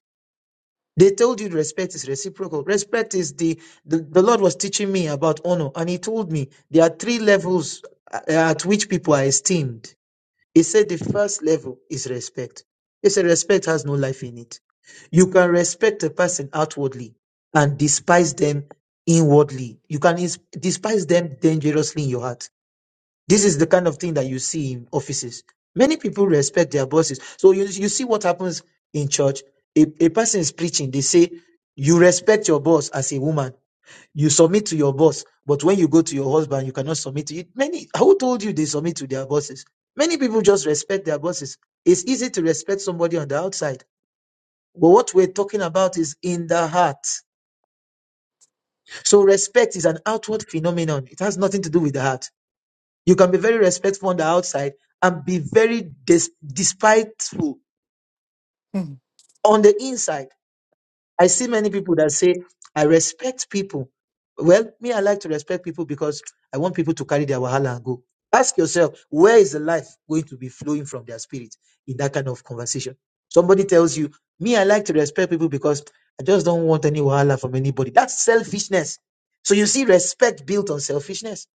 S5: They told you respect is reciprocal. Respect is the, the, the Lord was teaching me about honor, and He told me there are three levels uh, at which people are esteemed. He said the first level is respect. He said respect has no life in it. You can respect a person outwardly and despise them inwardly. You can is- despise them dangerously in your heart. This is the kind of thing that you see in offices. Many people respect their bosses. So you, you see what happens in church. A, a person is preaching, they say, You respect your boss as a woman. You submit to your boss. But when you go to your husband, you cannot submit to it. Many, who told you they submit to their bosses? Many people just respect their bosses. It's easy to respect somebody on the outside. But what we're talking about is in the heart. So respect is an outward phenomenon. It has nothing to do with the heart. You can be very respectful on the outside and be very des- despiteful
S3: mm,
S5: on the inside. I see many people that say, I respect people. Well, me, I like to respect people because I want people to carry their wahala and go. Ask yourself, where is the life going to be flowing from their spirit in that kind of conversation? Somebody tells you, me, I like to respect people because I just don't want any wahala from anybody. That's selfishness. So you see, respect built on selfishness.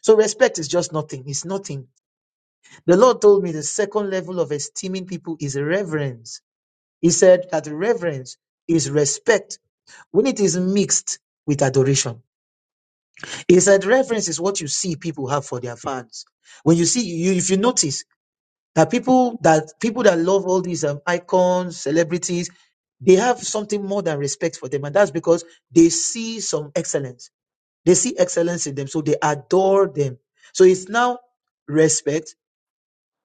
S5: So respect is just nothing. It's nothing The Lord told me the second level of esteeming people is reverence. He said that reverence is respect when it is mixed with adoration. He said reverence is what you see people have for their fans. When you see you, if you notice that people that people that love all these um, icons, celebrities, they have something more than respect for them, and that's because they see some excellence. They see excellence in them, so they adore them. So it's now respect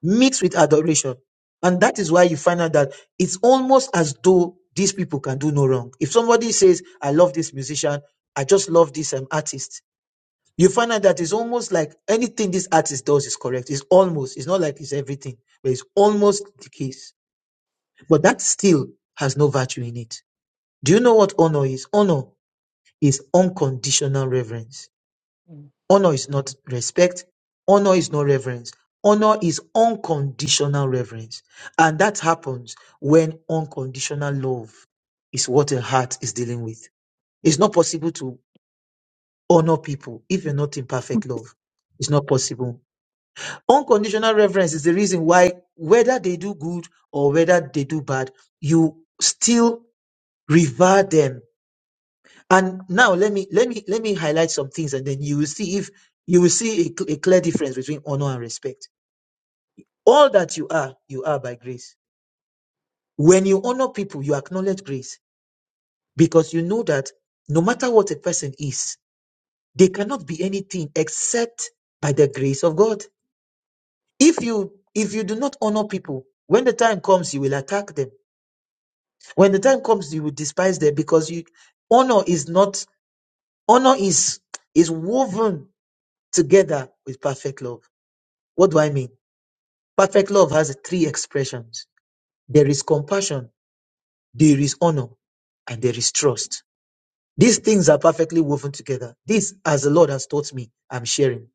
S5: mixed with adoration. And that is why you find out that it's almost as though these people can do no wrong. If somebody says, I love this musician, I just love this um, artist, you find out that it's almost like anything this artist does is correct. It's almost, it's not like it's everything, but it's almost the case. But that still has no virtue in it. Do you know what honor is? Honor is unconditional reverence
S3: mm,
S5: Honor is not respect. Honor is not reverence. Honor is unconditional reverence. And that happens when unconditional love is what a heart is dealing with. It's not possible to honor people if you're not in perfect love. It's not possible. Unconditional reverence is the reason why, whether they do good or whether they do bad, you still revere them and now let me let me let me highlight some things, and then you will see if you will see a, cl- a clear difference between honor and respect. All that you are, you are by grace. When you honor people, you acknowledge grace because you know that no matter what a person is, they cannot be anything except by the grace of God. If you if you do not honor people, when the time comes, you will attack them. When the time comes, you will despise them because you honor is not honor is is woven together with perfect love. What do I mean? Perfect love has three expressions. There is compassion, there is honor, and there is trust. These things are perfectly woven together. This, as the Lord has taught me, I'm sharing.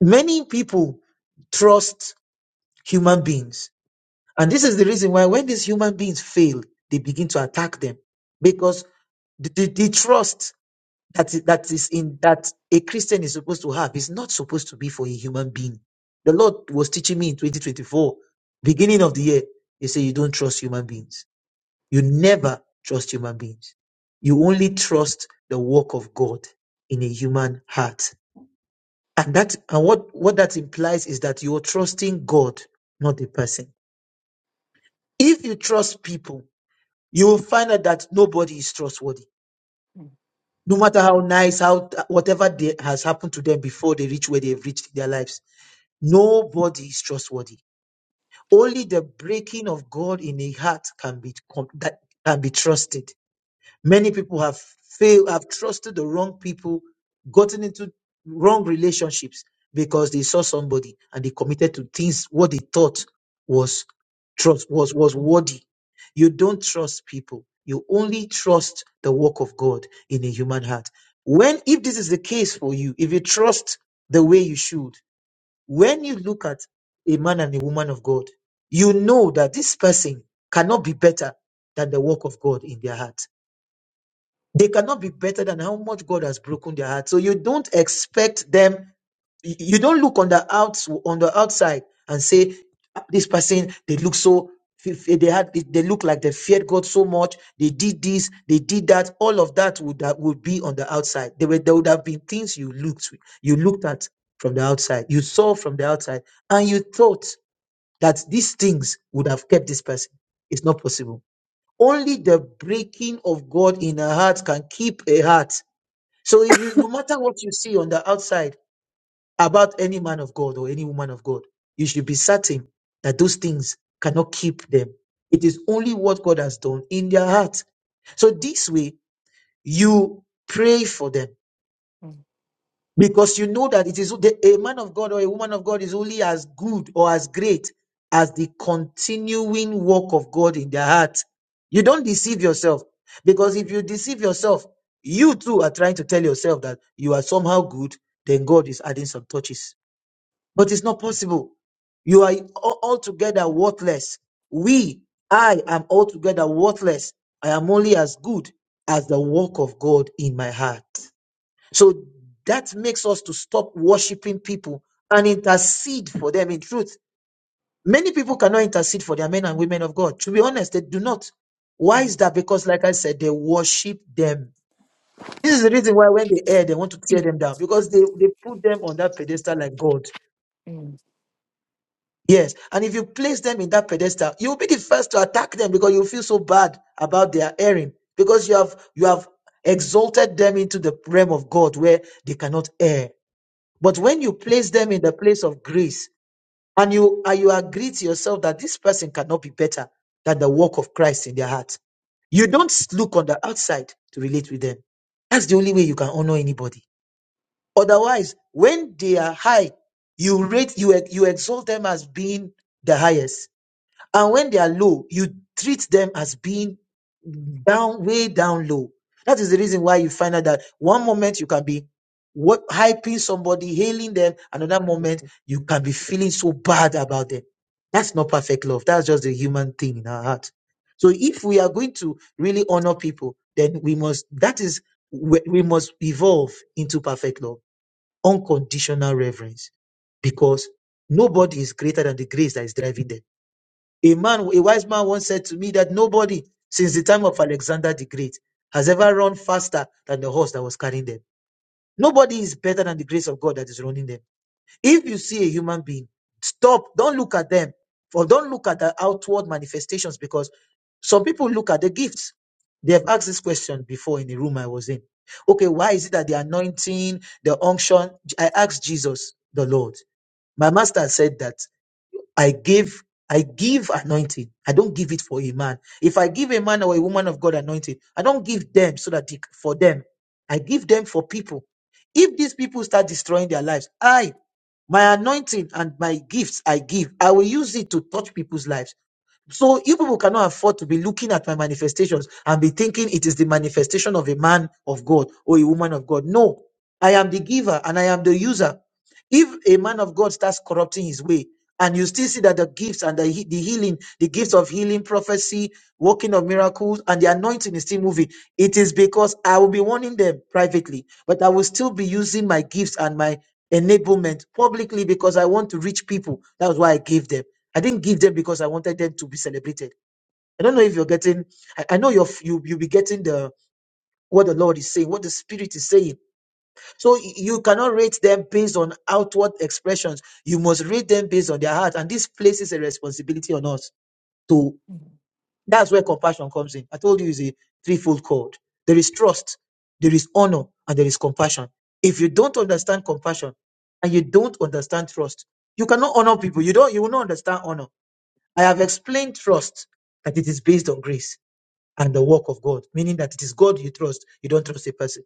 S5: Many people trust human beings. And this is the reason why when these human beings fail, they begin to attack them because the, the the trust that is, that is in that a Christian is supposed to have is not supposed to be for a human being. The Lord was teaching me in 2024, beginning of the year, He said, You don't trust human beings. You never trust human beings. You only trust the work of God in a human heart. And that and what, what that implies is that you're trusting God, not the person. If you trust people, you will find out that nobody is trustworthy
S3: mm,
S5: no matter how nice, how whatever they, has happened to them before they reach where they've reached their lives. Nobody is trustworthy. Only the breaking of God in a heart can be com- that can be trusted. Many people have failed, have trusted the wrong people, gotten into wrong relationships because they saw somebody and they committed to things what they thought was trust was was worthy. You don't trust people. You only trust the work of God in a human heart. When if this is the case for you, if you trust the way you should, when you look at a man and a woman of God, you know that this person cannot be better than the work of God in their heart they cannot be better than how much God has broken their heart. So you don't expect them, you you don't look on the outs on the outside and say, "Ah, this person, they look so if they had they look like they feared God so much, they did this, they did that, all of that would that would be on the outside. There were there would have been things you looked you looked at from the outside, you saw from the outside, and you thought that these things would have kept this person. It's not possible only the breaking of God in a heart can keep a heart. So if you, no matter what you see on the outside about any man of God or any woman of God, you should be certain that those things cannot keep them. It is only what God has done in their heart. So this way, you pray for them because you know that it is the, a man of God or a woman of God is only as good or as great as the continuing work of God in their heart. You don't deceive yourself. Because if you deceive yourself, you too are trying to tell yourself that you are somehow good, then God is adding some touches. But it's not possible. You are al- altogether worthless. We, I am altogether worthless. I am only as good as the work of God in my heart. So that makes us to stop worshiping people and intercede for them in truth. Many people cannot intercede for their men and women of God. To be honest, they do not. Why
S3: mm, mm,
S5: is that? Because, like I said, they worship them. This is the reason why when they err, they want to tear them down because they, they put them on that pedestal like God.
S3: mm,
S5: Yes. And if you place them in that pedestal, you'll be the first to attack them because you feel so bad about their erring because you have you have exalted them into the realm of God where they cannot err. But when you place them in the place of grace and you, and you agree to yourself that this person cannot be better than the work of Christ in their heart, you don't look on the outside to relate with them. That's the only way you can honor anybody. Otherwise, when they are high, you rate, you, you exalt them as being the highest and when they are low, you treat them as being down, way down low. That is the reason why you find out that one moment you can be what hyping somebody, hailing them, another moment you can be feeling so bad about them. That's not perfect love. That's just the human thing in our heart. So if we are going to really honor people, then we must that is we we must evolve into perfect love, unconditional reverence, because nobody is greater than the grace that is driving them. A man, a wise man once said to me that nobody since the time of Alexander the Great has ever run faster than the horse that was carrying them. Nobody is better than the grace of God that is running them. If you see a human being, stop, don't look at them, or don't look at the outward manifestations because some people look at the gifts. They have asked this question before in the room I was in. Okay, why is it that the anointing, the unction? I asked Jesus, the Lord. My master said that. I give I give anointing. I don't give it for a man. If I give a man or a woman of God anointing, I don't give them so that they, for them. I give them for people. If these people start destroying their lives, I, my anointing and my gifts I give, I will use it to touch people's lives. So you people cannot afford to be looking at my manifestations and be thinking it is the manifestation of a man of God or a woman of God. No, I am the giver and I am the user. If a man of God starts corrupting his way, and you still see that the gifts and the, he- the healing, the gifts of healing, prophecy, working of miracles, and the anointing is still moving, it is because I will be warning them privately, but I will still be using my gifts and my enablement publicly because I want to reach people. That's why I gave them. I didn't give them because I wanted them to be celebrated. I don't know if you're getting. I, I know you're f- you you'll be getting the what the Lord is saying, what the Spirit is saying. So y- you cannot rate them based on outward expressions. You must rate them based on their heart, and this places a responsibility on us to.
S3: mm,
S5: That's where compassion comes in. I told you it's a threefold cord. There is trust, there is honor, and there is compassion. If you don't understand compassion, and you don't understand trust, you cannot honor people. You don't. You will not understand honor. I have explained trust that it is based on grace and the work of God, meaning that it is God you trust, you don't trust a person.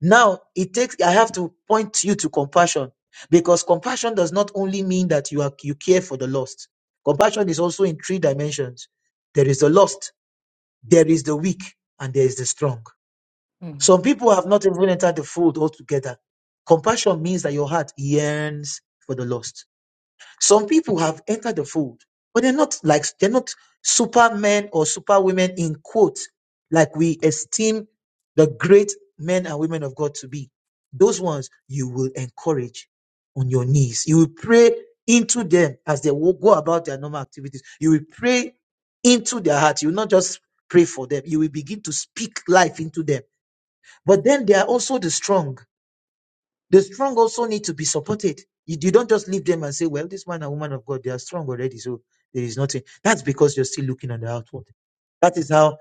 S5: Now, it takes I have to point you to compassion because compassion does not only mean that you are you care for the lost. Compassion is also in three dimensions. There is the lost, there is the weak, and there is the strong.
S3: mm.
S5: Some people have not even entered the fold altogether. Compassion means that your heart yearns for the lost some people have entered the fold, but they're not like they're not supermen or superwomen in quotes, like we esteem the great men and women of God to be. Those ones you will encourage on your knees. You will pray into them as they wo- go about their normal activities. You will pray into their heart. You will not just pray for them. You will begin to speak life into them. But then there are also the strong. The strong also need to be supported. You, you don't just leave them and say, well, this man and woman of God, they are strong already, so there is nothing. That's because you're still looking on the outward. That is how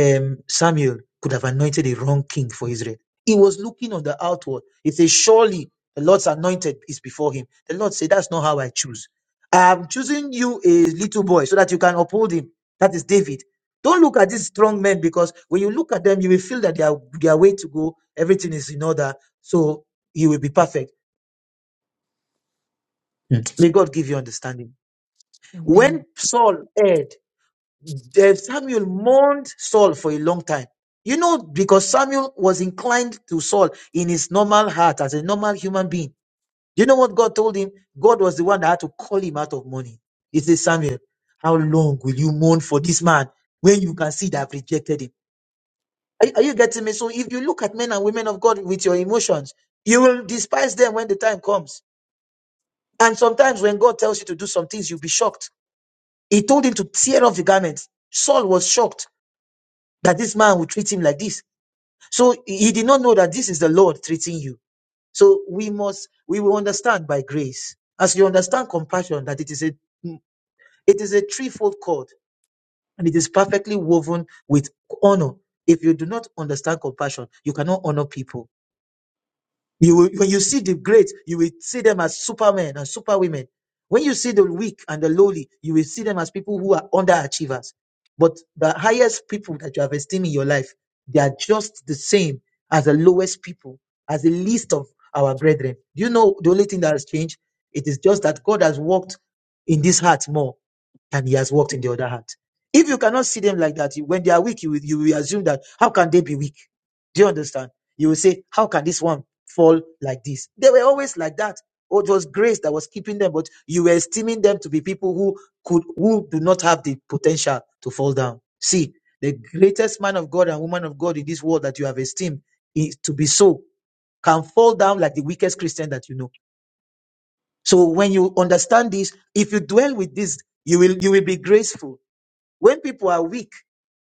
S5: um, Samuel could have anointed a wrong king for Israel. He was looking on the outward. He said, Surely the Lord's anointed is before him. The Lord said, That's not how I choose. I'm choosing you a little boy so that you can uphold him. That is David. Don't look at these strong men because when you look at them, you will feel that they are their way to go. Everything is in order. So you will be perfect. Mm. May God give you understanding.
S3: Amen.
S5: When Saul erred, The Samuel mourned Saul for a long time. You know, because Samuel was inclined to Saul in his normal heart as a normal human being. You know what God told him? God was the one that had to call him out of mourning. He said, Samuel, how long will you mourn for this man when you can see that I've rejected him? Are, are you getting me? So if you look at men and women of God with your emotions, you will despise them when the time comes. And sometimes when God tells you to do some things, you'll be shocked. He told him to tear off the garments. Saul was shocked. that this man will treat him like this. So he did not know that this is the Lord treating you. So we must, we will understand by grace. As you understand compassion, that it is a, it is a threefold cord and it is perfectly woven with honor. If you do not understand compassion, you cannot honor people. You will, when you see the great, you will see them as supermen and superwomen. When you see the weak and the lowly, you will see them as people who are underachievers. But the highest people that you have esteemed in your life, they are just the same as the lowest people, as the least of our brethren. Do you know the only thing that has changed? It is just that God has worked in this heart more and he has worked in the other hand. If you cannot see them like that, you- when they are weak, you will, you will assume that how can they be weak? Do you understand? You will say, how can this one fall like this? They were always like that. Oh, it was grace that was keeping them, but you were esteeming them to be people who could, who do not have the potential to fall down. See, the greatest man of God and woman of God in this world that you have esteemed is to be so can fall down like the weakest Christian that you know. So when you understand this, if you dwell with this, you will you will be graceful when people are weak,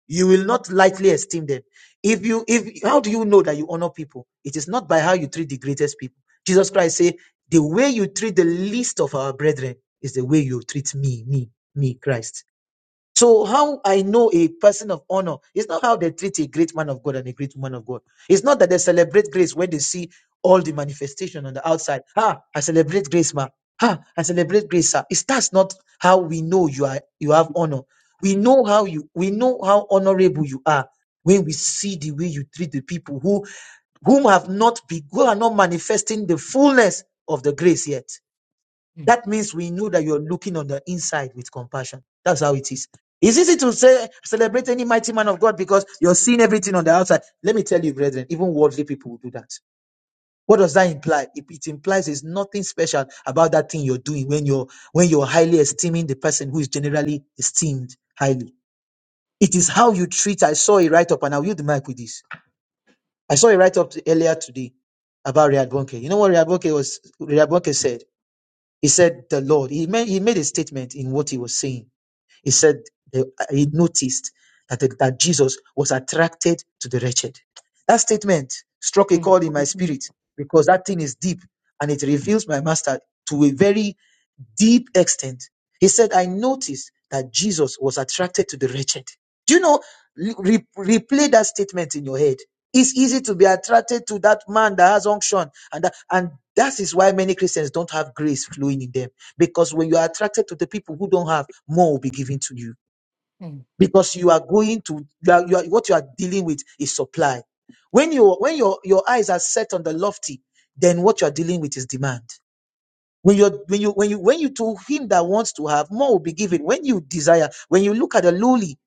S5: you will not lightly esteem them. If you, if how do you know that you honor people? It is not by how you treat the greatest people. Jesus Christ said, "The way you treat the least of our brethren is the way you treat me, me, me, Christ." So how I know a person of honor is not how they treat a great man of God and a great woman of God. It's not that they celebrate grace when they see all the manifestation on the outside. Ah, I celebrate grace, ma. Ah, I celebrate grace, sir. It's that's not how we know you are you have honor. We know how you we know how honorable you are when we see the way you treat the people who whom have not be who are not manifesting the fullness of the grace yet.
S3: Mm,
S5: That means we know that you're looking on the inside with compassion. That's how it is. It's easy to say celebrate any mighty man of God because you're seeing everything on the outside. Let me tell you, brethren, even worldly people will do that. What does that imply? It, it implies there's nothing special about that thing you're doing when you're when you're highly esteeming the person who is generally esteemed highly. It is how you treat. I saw a write-up, and I'll use the mic with this. I saw a write-up earlier today about Riyad Bonke. You know what Riyad Bonke was Riyad Bonke said? He said the Lord. He made, he made a statement in what he was saying. He said they- he noticed that, that Jesus was attracted to the wretched. That statement struck a
S3: mm,
S5: chord in my spirit because that thing is deep and it reveals my master to a very deep extent. He said, I noticed that Jesus was attracted to the wretched. Do you know? Re- replay that statement in your head. It's easy to be attracted to that man that has unction, and that, and that is why many Christians don't have grace flowing in them because when you are attracted to the people who don't have, more will be given to you.
S3: mm, mm,
S5: Because you are going to, you are, you are, what you are dealing with is supply. When you when your your eyes are set on the lofty, then what you are dealing with is demand. When you when you when you when you to him that wants to have more will be given. When you desire, when you look at the lowly,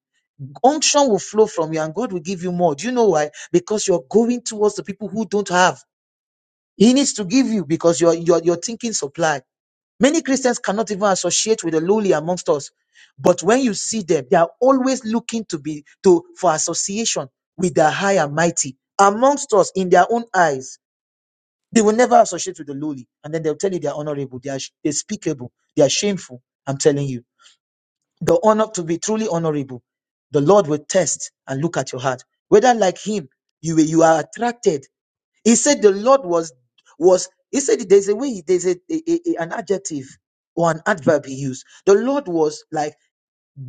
S5: unction will flow from you, and God will give you more. Do you know why? Because you're going towards the people who don't have. He needs to give you because you're you're you're thinking supply. Many Christians cannot even associate with the lowly amongst us. But when you see them, they are always looking to be to for association with the high and mighty amongst us in their own eyes. They will never associate with the lowly, and then they'll tell you they are honorable, they are sh- they they are shameful. I'm telling you, the honor to be truly honorable, the Lord will test and look at your heart whether like Him you you are attracted he said the Lord was was he said there's a way there's a, a- a- an adjective or an adverb he used. The Lord was like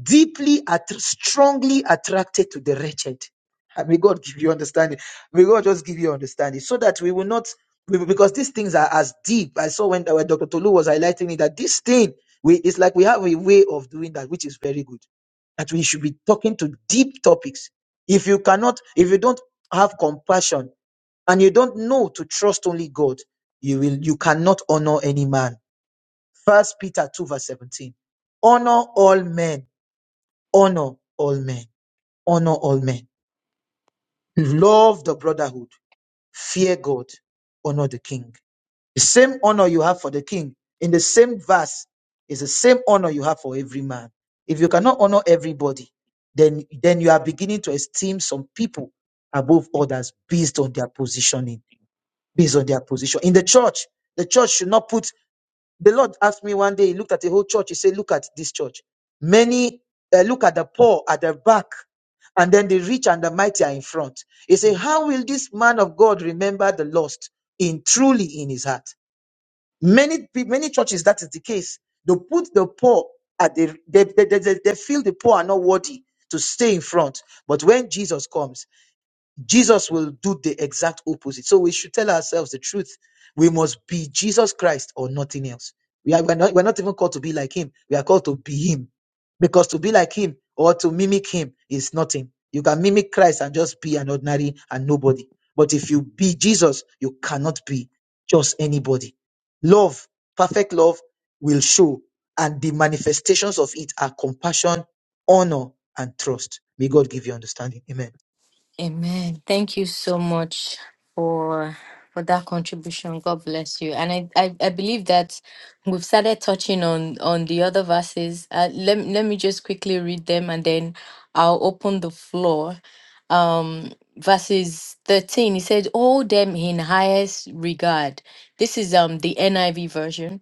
S5: deeply att- strongly attracted to the wretched. And may God give you understanding. May God just give you understanding so that we will not we- because these things are as deep. I saw when, when Dr. Tolu was highlighting it that this thing we, it's like we have a way of doing that, which is very good. That we should be talking to deep topics. If you cannot, if you don't have compassion and you don't know to trust only God, you will you cannot honor any man. First Peter 2 verse 17. Honor all men, honor all men, honor all men. Love the brotherhood, fear God, honor the king. The same honor you have for the king in the same verse is the same honor you have for every man. If you cannot honor everybody, then then you are beginning to esteem some people above others based on their positioning
S3: mm,
S5: based on their position. In the church, the church should not put. The Lord asked me one day, he looked at the whole church, he said, Look at this church. Many uh, look at the poor at the back, and then the rich and the mighty are in front. He said,
S3: mm.
S5: How will this man of God remember the lost in truly in his heart? Many pe- many churches, that is the case. They put the poor at the they, they, they, they they feel the poor are not worthy to stay in front. But when Jesus comes, Jesus will do the exact opposite. So we should tell ourselves the truth. We must be Jesus Christ or nothing else. We are, we're, not, we're not even called to be like him. We are called to be him. Because to be like him or to mimic him is nothing. You can mimic Christ and just be an ordinary and nobody. But if you be Jesus, you cannot be just anybody. Love, perfect love will show, and the manifestations of it are compassion, honor, and trust. May God give you understanding. Amen.
S3: Amen. Thank you so much for for that contribution. God bless you. And I I, I believe that we've started touching on on the other verses. Uh, let let me just quickly read them and then I'll open the floor. Um verses 13 he said hold them in highest regard this is um the niv version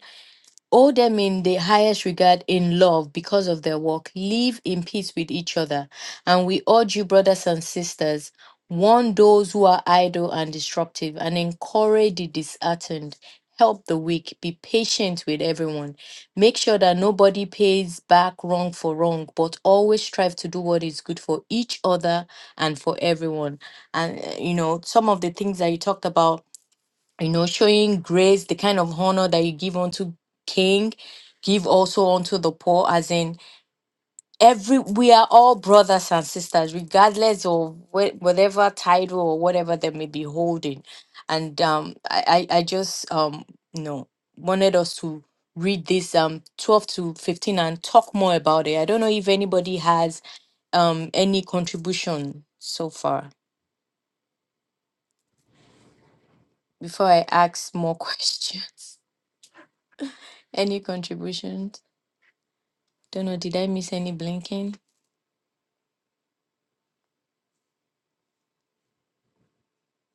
S3: Owe them in the highest regard in love because of their work. Live in peace with each other. And we urge you, brothers and sisters, warn those who are idle and disruptive, and encourage the disheartened. Help the weak. Be patient with everyone. Make sure that nobody pays back wrong for wrong, but always strive to do what is good for each other and for everyone. And, uh, you know, some of the things that you talked about you know, showing grace, the kind of honor that you give unto king, give also unto the poor, as in every we are all brothers and sisters, regardless of wh- whatever title or whatever they may be holding. And um, I, I I just um, you know, wanted us to read this um 12 to 15 and talk more about it. I don't know if anybody has um any contribution so far before I ask more questions. Any contributions? Don't know, did I miss any blinking?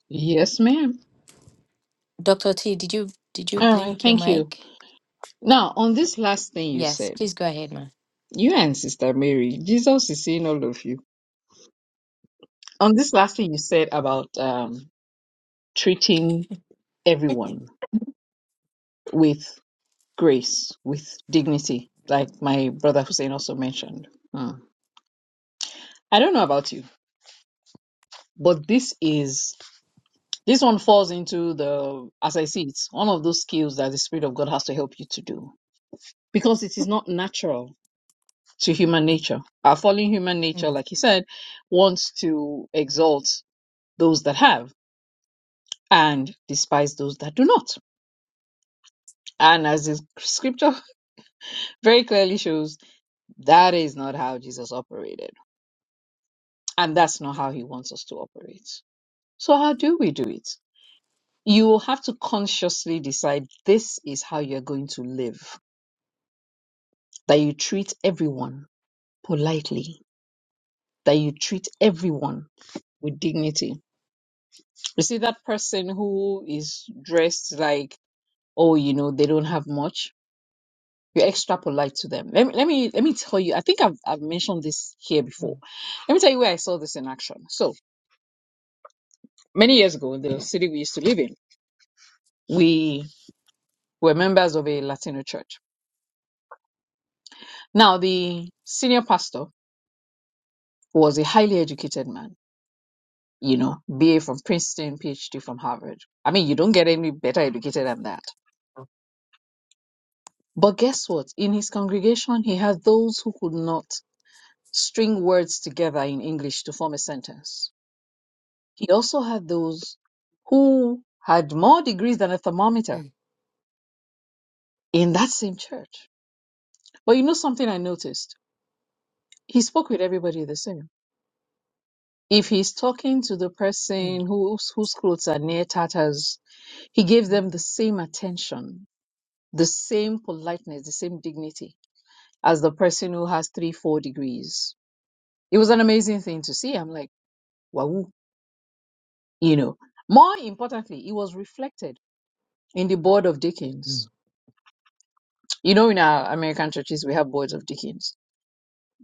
S4: Yes, ma'am.
S3: Dr. T, did you did you
S4: All right,
S3: blink your
S4: thank you.
S3: mic?
S4: Now, on this last thing you
S3: Yes,
S4: said,
S3: please go ahead, ma.
S4: you and Sister Mary, Jesus is seeing all of you. On this last thing you said about um, treating everyone with grace, with dignity, like my brother Hussein also mentioned. Hmm. I don't know about you, but this is this one falls into the, as I see it, one of those skills that the Spirit of God has to help you to do because it is not natural to human nature. Our fallen human nature,
S3: Mm,
S4: like he said, wants to exalt those that have and despise those that do not. And as the scripture very clearly shows, that is not how Jesus operated. And that's not how he wants us to operate. So, how do we do it? You will have to consciously decide this is how you're going to live, that you treat everyone politely, that you treat everyone with dignity, You see that person who is dressed like, oh, you know, they don't have much. You're extra polite to them. Let me let me let me tell you. I think I've I've mentioned this here before.
S3: mm,
S4: Let me tell you where I saw this in action. So many years ago, in the city we used to live in, we were members of a Latino church. Now the senior pastor was a highly educated man. You know, BA from Princeton, PhD from Harvard. I mean, you don't get any better educated than that. But guess what? In his congregation, he had those who could not. string words together in English to form a sentence. He also had those who had more degrees than a thermometer
S3: mm,
S4: in that same church. But you know something I noticed? He spoke with everybody the same. If he's talking to the
S3: mm,
S4: person whose, whose clothes are near tatters, he gave them the same attention, the same politeness, the same dignity as the person who has three, four degrees. It was an amazing thing to see. I'm like, wow, you know. More importantly, it was reflected in the board of
S3: mm.
S4: deacons. You know, in our American churches, we have boards of deacons.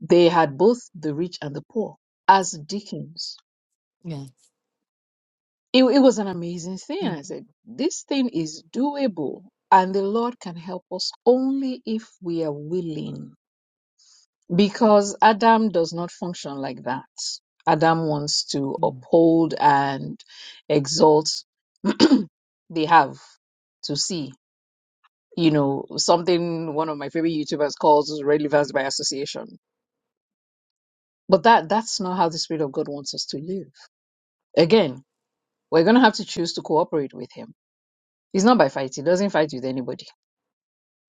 S4: They had both the rich and the poor as deacons.
S3: Yeah.
S4: It, it was an amazing thing.
S3: Mm,
S4: I said, this thing is doable, and the Lord can help us only if we are willing. Because Adam does not function like that. Adam wants to
S3: mm,
S4: uphold and exalt. they have to see. you know something one of my favorite youtubers calls relevance by association but that that's not how the spirit of god wants us to live again we're going to have to choose to cooperate with him he's not by fight he doesn't fight with anybody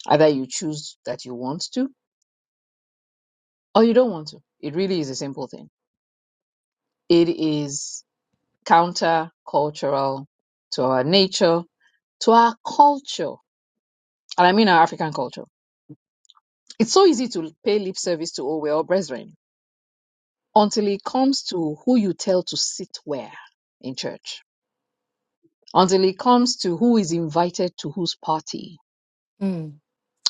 S4: either you choose that you want to or you don't want to it really is a simple thing it is counter cultural to our nature to our culture and i mean our african culture it's so easy to pay lip service to oh we're all brethren until it comes to who you tell to sit where in church, until it comes to who is invited to whose party,
S3: mm,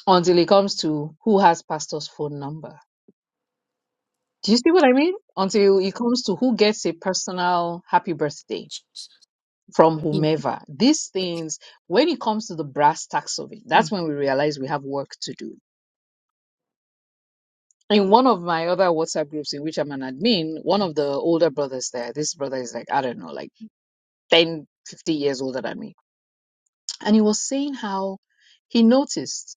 S4: until it comes to who has pastor's phone number. Do you see what I mean? Until it comes to who gets a personal happy birthday from
S3: yeah,
S4: whomever. These things, when it comes to the brass tacks of it, that's
S3: mm,
S4: when we realize we have work to do. In one of my other WhatsApp groups in which I'm an admin, one
S3: mm,
S4: of the older brothers there, this brother is like, I don't know, like 10, 50 years older than me And he was saying how he noticed,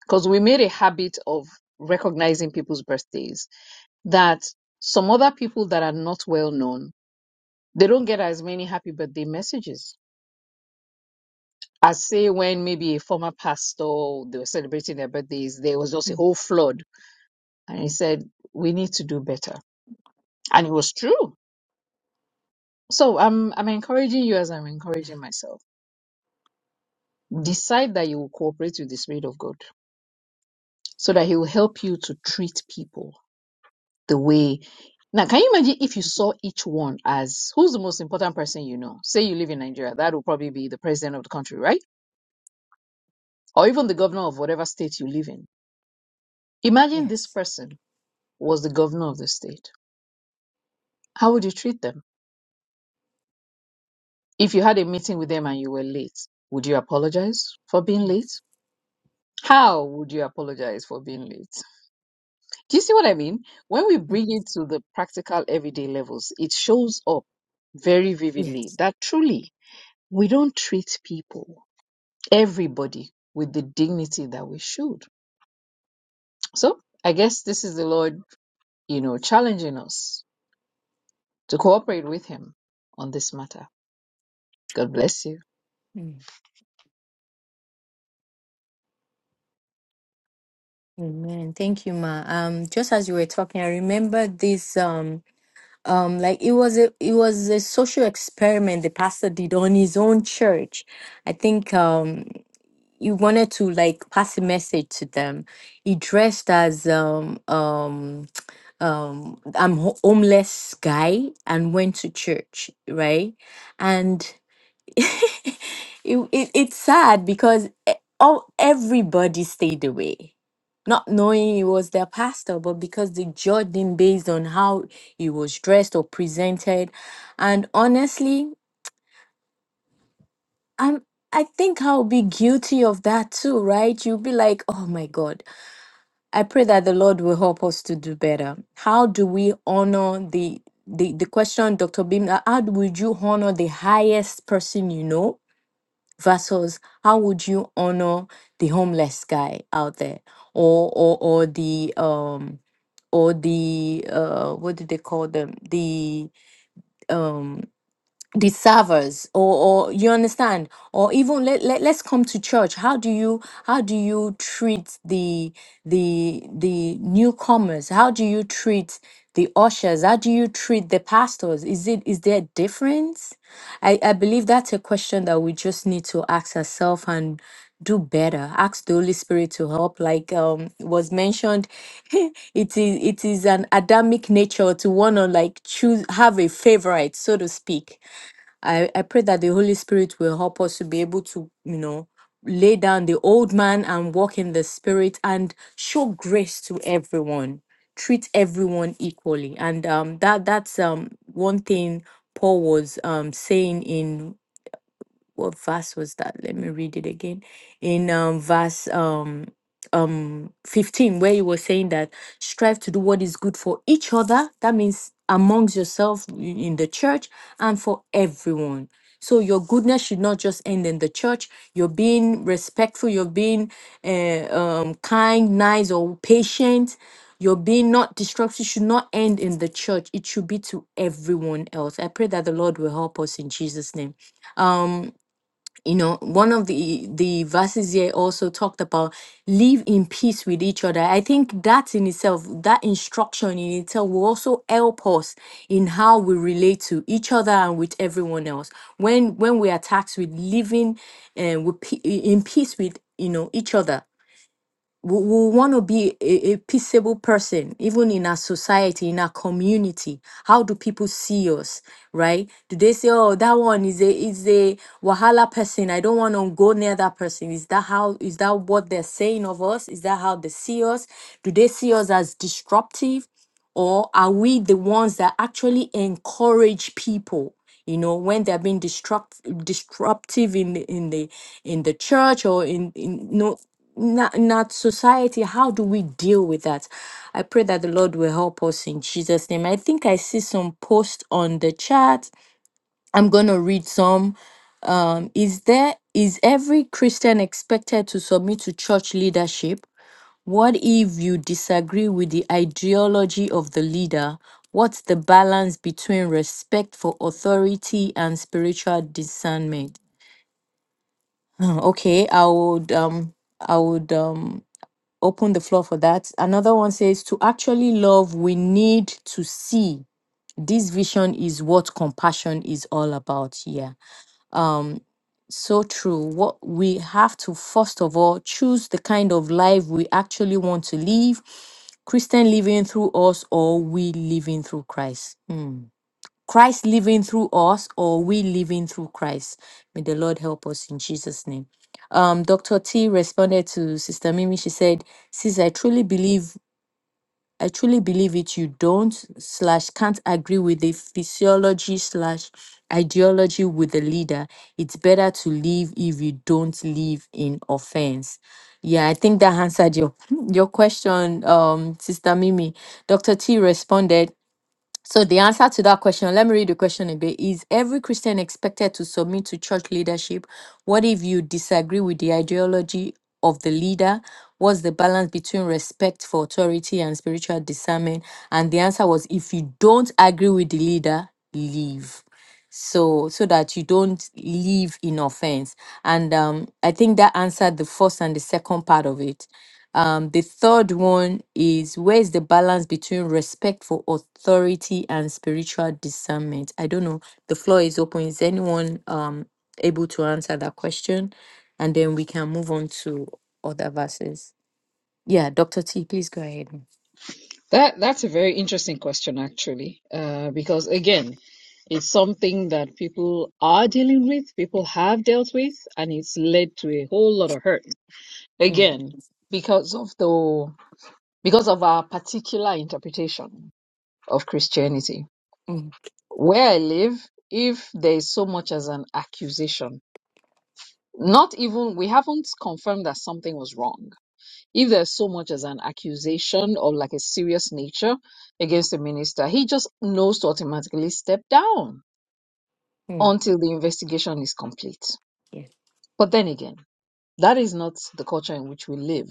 S4: because we made a habit of recognizing people's birthdays, that some other people that are not well known, they don't get as many happy birthday messages. As say when maybe a former pastor they were celebrating their birthdays, there was just a
S3: mm,
S4: whole flood. And he said, We need to do better. And it was true. So I'm I'm encouraging you as I'm
S3: yeah,
S4: encouraging myself. Decide that you will cooperate with the Spirit of God so that He will help you to treat people the way now can you imagine if you saw each one as who's the most important person you know say you live in nigeria that will probably be the president of the country right or even the governor of whatever state you live in imagine this
S3: Yes.
S4: person was the governor of the state how would you treat them if you had a meeting with them and you were late would you apologize for being
S3: mm,
S4: late how would you apologize for being late do you see what i mean when we
S3: mm,
S4: bring it to the practical everyday levels it shows up very vividly
S3: Yes.
S4: that truly we don't treat people everybody with the dignity that we should. So I guess this is the Lord, you know, challenging us to cooperate with Him on this matter. God bless you.
S3: mm. Amen. Thank you, ma. Um, just as you were talking, I remember this um um like it was a it was a social experiment the pastor did on his own church. I think um you wanted to like pass a message to them. He dressed as um um um I'm ho- homeless guy and went to church, right? And it, it it's sad because e- all everybody stayed away. Not knowing he was their pastor, but because they judged him based on how he was dressed or presented. And honestly, I'm I think I'll be guilty of that too, right? You'll be like, oh my God I pray that the Lord will help us to do better. How do we honor the the, the question, Dr. Bim, uh, how would you honor the highest person you know versus how would you honor the homeless guy out there or or or the um or the uh what do they call them the um, the servers or or you understand or even let, let let's come to church how do you how do you treat the the the newcomers how do you treat the ushers how do you treat the pastors is it is there a difference i i believe that's a question that we just need to ask ourselves and do better ask the holy spirit to help like um was mentioned it is it is an adamic nature to want to like choose have a favorite so to speak I, I pray that the Holy Spirit will help us to be able to, you know, lay down the old man and walk in the Spirit and show grace to everyone. Treat everyone equally. And um, that that's um, one thing Paul was um, saying in what verse was that? Let me read it again. In um, verse um um 15 where he was saying that strive to do what is good for each other that means amongst yourself i- in the church and for everyone so your goodness should not just end in the church you're being respectful you're being uh, um, kind nice or patient your being not destructive should not end in the church it should be to everyone else i pray that the lord will help us in jesus name Um you know one of the the verses here also talked about live in peace with each other i think that in itself that instruction in itself will also help us in how we relate to each other and with everyone else when when we are tasked with living uh, with, pe- in peace with you know each other we, we want to be a, a peaceable person, even in our society, in our community. How do people see us, right? Do they say, "Oh, that one is a is a wahala person. I don't want to go near that person." Is that how? Is that what they're saying of us? Is that how they see us? Do they see us as disruptive, or are we the ones that actually encourage people? You know, when they're being disrupt disruptive in the in the in the church or in in no not, not society. How do we deal with that? I pray that the Lord will help us in Jesus' name. I think I see some posts on the chat. I'm gonna read some. Um, is there is every Christian expected to submit to church leadership? What if you disagree with the ideology of the leader? What's the balance between respect for authority and spiritual discernment? Hmm, Okay, I would um I would um open the floor for that. Another one says, To actually love, we need to see. This vision is what compassion is all about. Yeah. So true. What we have to first of all choose the kind of life we actually want to live, Christian living through us, or we living through Christ. Hmm. Christ living through us, or we living through Christ. May the Lord help us in Jesus' name. Um, Dr. T responded to Sister Mimi. She said, Sis, I truly believe I truly believe it. You don't slash can't agree with the physiology slash ideology with the leader. It's better to live if you don't live in offense. Yeah, I think that answered your your question, um, Sister Mimi. Dr. T responded. So the answer to that question, let me read the question again, is every Christian expected to submit to church leadership? What if you disagree with the ideology of the leader? What's the balance between respect for authority and spiritual discernment? And the answer was if you don't agree with the leader, leave. So so that you don't live in offense. And um, I think that answered the first and the second part of it um, the third one is where is the balance between respect for authority and spiritual discernment? I don't know. The floor is open. Is anyone um able to answer that question? And then we can move on to other verses. Yeah, Dr. T, please go ahead.
S4: That that's a very interesting question, actually, uh, because again, it's something that people are dealing with, people have dealt with, and it's led to a whole lot of hurt.
S3: Mm,
S4: Again, because of the because of our particular interpretation of Christianity
S3: mm,
S4: where I live, if there is so much as an accusation, not even, we haven't confirmed that something was wrong. If there's so much as an accusation or like a serious nature against the minister, he just knows to automatically step down
S3: mm,
S4: until the investigation is complete.
S3: yeah.
S4: But then again, that is not the culture in which we live.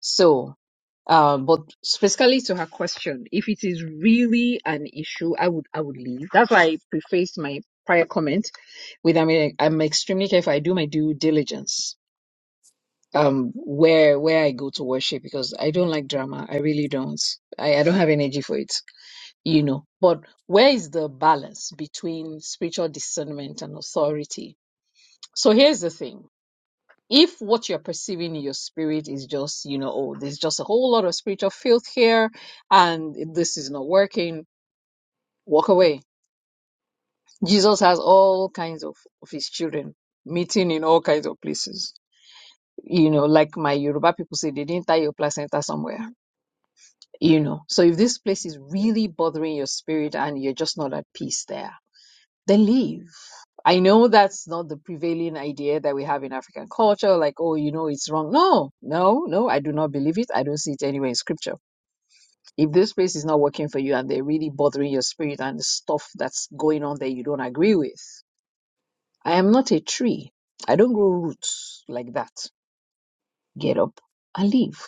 S4: So. Um, but specifically to her question, if it is really an issue, I would I would leave. That's why I prefaced my prior comment with I mean I'm extremely careful. I do my due diligence um where where I go to worship because I don't like drama. I really don't. I, I don't have energy for it, you know. But where is the balance between spiritual discernment and authority? So here's the thing if what you're perceiving in your spirit is just, you know, oh, there's just a whole lot of spiritual filth here and this is not working, walk away. Jesus has all kinds of, of his children meeting in all kinds of places. You know, like my Yoruba people say, they didn't tie your placenta somewhere. You know, so if this place is
S3: Mm.
S4: really bothering your spirit and you're just not at peace there, then leave I know that's not the prevailing idea that we have in African culture, like, oh, you know, it's wrong. No, no, no, I do not believe it. I don't see it anywhere in scripture. If this place is not working for you and they're really bothering your spirit and the stuff that's going on that you don't agree with, I am not a tree. I don't grow roots like that. Get up and leave.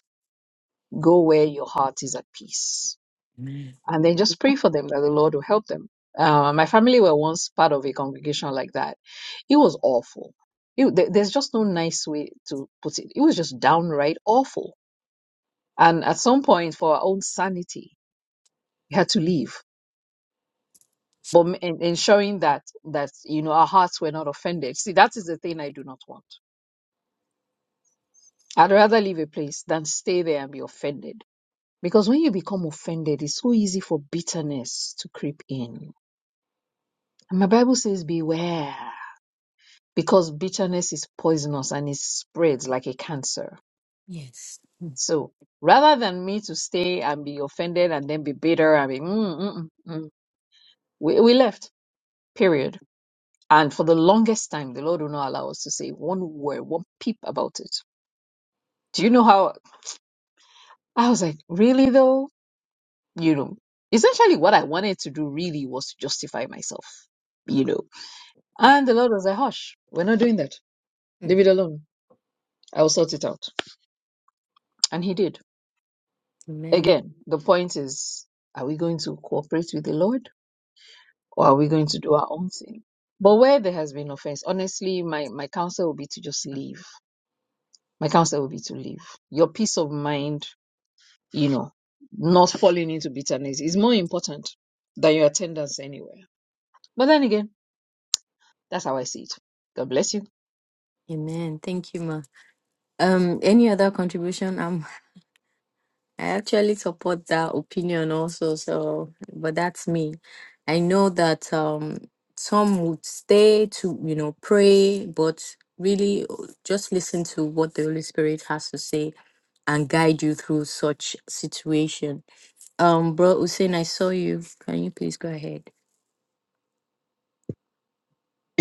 S4: Go where your heart is at peace and then just pray for them that the Lord will help them. Uh, my family were once part of a congregation like that. It was awful. It, there- there's just no nice way to put it. It was just downright awful. And at some point, for our own sanity, we had to leave. But m- en- ensuring that that you know our hearts were not offended. See, that is the thing I do not want. I'd rather leave a place than stay there and be offended. Because when you become offended, it's so easy for bitterness to creep in. And my Bible says, beware. because bitterness is poisonous and it spreads like a cancer.
S3: Yes.
S4: So rather than me to stay and be offended and then be bitter and be, mm, mm, mm, mm, we, we left, period. And for the longest time, the Lord will not allow us to say one word, one peep about it. Do you know how I was like, really though? You know, essentially what I wanted to do really was to justify myself, you know. And the Lord was like, hush, we're not doing that.
S3: Mm,
S4: Leave it alone. I will sort it out. And He did.
S3: Amen.
S4: Again, the point is, are we going to cooperate with the Lord or are we going to do our own thing? But where there has been offense, honestly, my, my counsel will be to just leave. My counsel will be to leave. Your peace of mind, you know, not falling into bitterness is more important than your attendance anywhere. But then again, that's how I see it. God bless you.
S3: Amen. Thank you, Ma. Um, any other contribution? I'm. I actually support that opinion also. So, but that's me. I know that um some would stay to, you know, pray, but really uh, just listen to what the Holy Spirit has to say and guide you through such situation. Um, bro Hussein, I saw you. Can you please go ahead?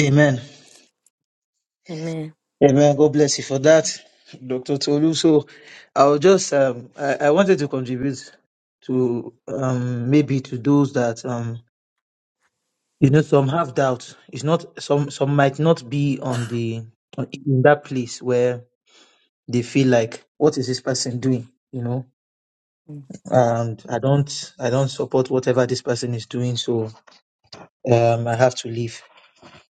S5: Amen.
S3: Amen.
S5: Amen. God bless you for that, Dr. Tolu. So I'll just um I, I wanted to contribute to um maybe to those that um you know some have doubt. It's not some some might not be on the on- in that place where they feel like what is this person doing? You know, and I don't I don't support whatever this person is doing, so um I have to leave.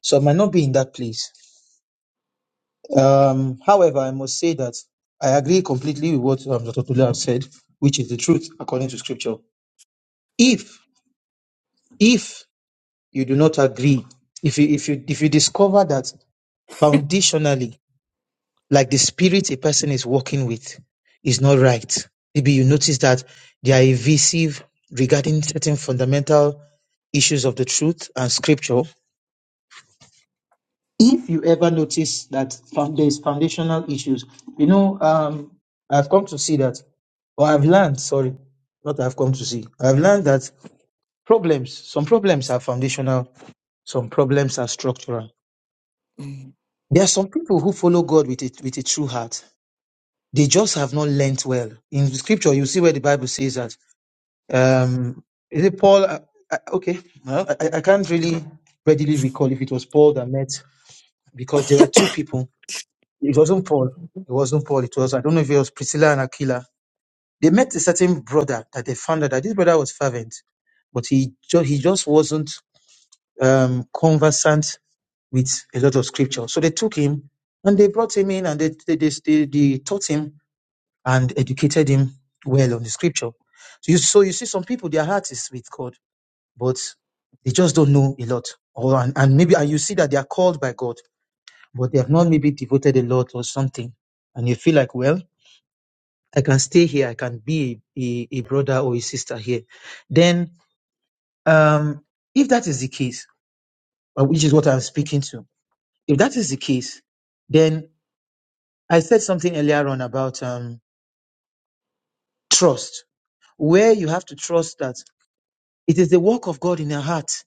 S5: So I might not be in that place Um, however, I must say that I agree completely with what um, Dr. Tula has said, which is the truth according to Scripture. If if you do not agree, if you if you if you discover that foundationally, like the spirit a person is working with, is not right, maybe you notice that they are evasive regarding certain fundamental issues of the truth and Scripture, if you ever notice that found, there's foundational issues, you know, um, I've come to see that, or I've learned, sorry, not I've come to see, I've learned that problems, some problems are foundational, some problems are structural.
S3: Mm,
S5: There are some people who follow God with a, with a true heart. They just have not learnt well. In the scripture, you see where the Bible says that, um, is it Paul? I, I, okay, well, I, I I can't really readily recall if it was Paul that met because there were two people It wasn't Paul. It wasn't Paul. It was, I don't know if it was Priscilla and Aquila. They met a certain brother that they found out that this brother was fervent, but he, ju- he just wasn't um, conversant with a lot of scripture. So they took him and they brought him in and they, they, they, they, they taught him and educated him well on the scripture. So you, so you see some people, their heart is with God, but they just don't know a lot. Or, and, and maybe and you see that they are called by God, but they have not maybe devoted a lot or something. And you feel like, well, I can stay here. I can be a, a brother or a sister here. Then, um, if that is the case, uh, which is what I'm speaking to, if that is the case, then I said something earlier on about um, trust, where you have to trust that it is the work of God in your heart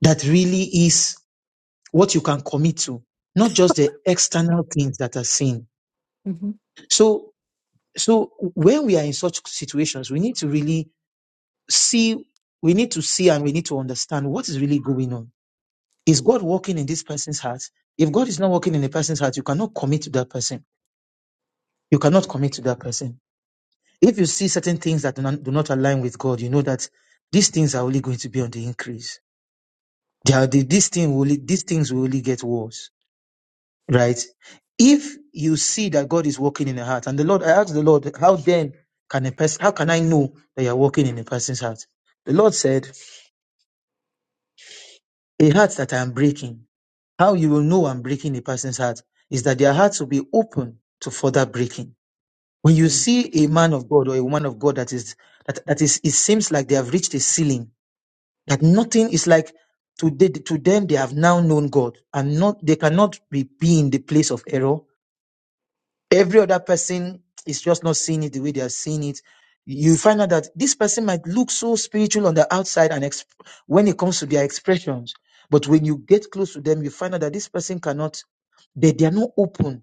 S5: that really is what you can commit to, not just the external things that are seen.
S3: mm,
S5: So, so when we are in such situations, we need to really see, we need to see and we need to understand what is really going on Is God working in this person's heart? If God is not working in a person's heart, you cannot commit to that person. You cannot commit to that person. If you see certain things that do not, do not align with God, you know that these things are only going to be on the increase. They are, the, these, thing will, only- these things will only get worse, right? If you see that God is working in the heart, and the Lord, I asked the Lord, how then can a person, how can I know that you are working in a person's heart? The Lord said, a heart that I am breaking. How you will know I'm breaking a person's heart is that their hearts will be open to further breaking. When you
S3: mm,
S5: see a man of God or a woman of God that is that, that is it seems like they have reached a ceiling, that nothing is like to, they, to them they have now known God and not they cannot be, be in the place of error every other person is just not seeing it the way they are seeing it you find out that this person might look so spiritual on the outside and exp- when it comes to their expressions but when you get close to them you find out that this person cannot they, they are not open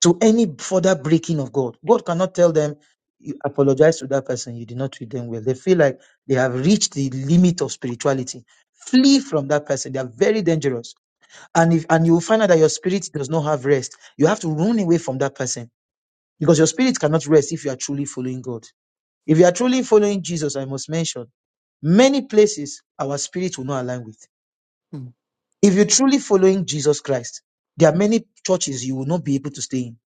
S5: to any further breaking of god god cannot tell them you apologize to that person you did not treat them well they feel like they have reached the limit of spirituality flee from that person they are very dangerous and if and you will find out that your spirit does not have rest you have to run away from that person because your spirit cannot rest if you are truly following God. If you are truly following Jesus, I must mention many places our spirit will not align with.
S3: mhm, mm,
S5: If you're truly following Jesus Christ, there are many churches you will not be able to stay in.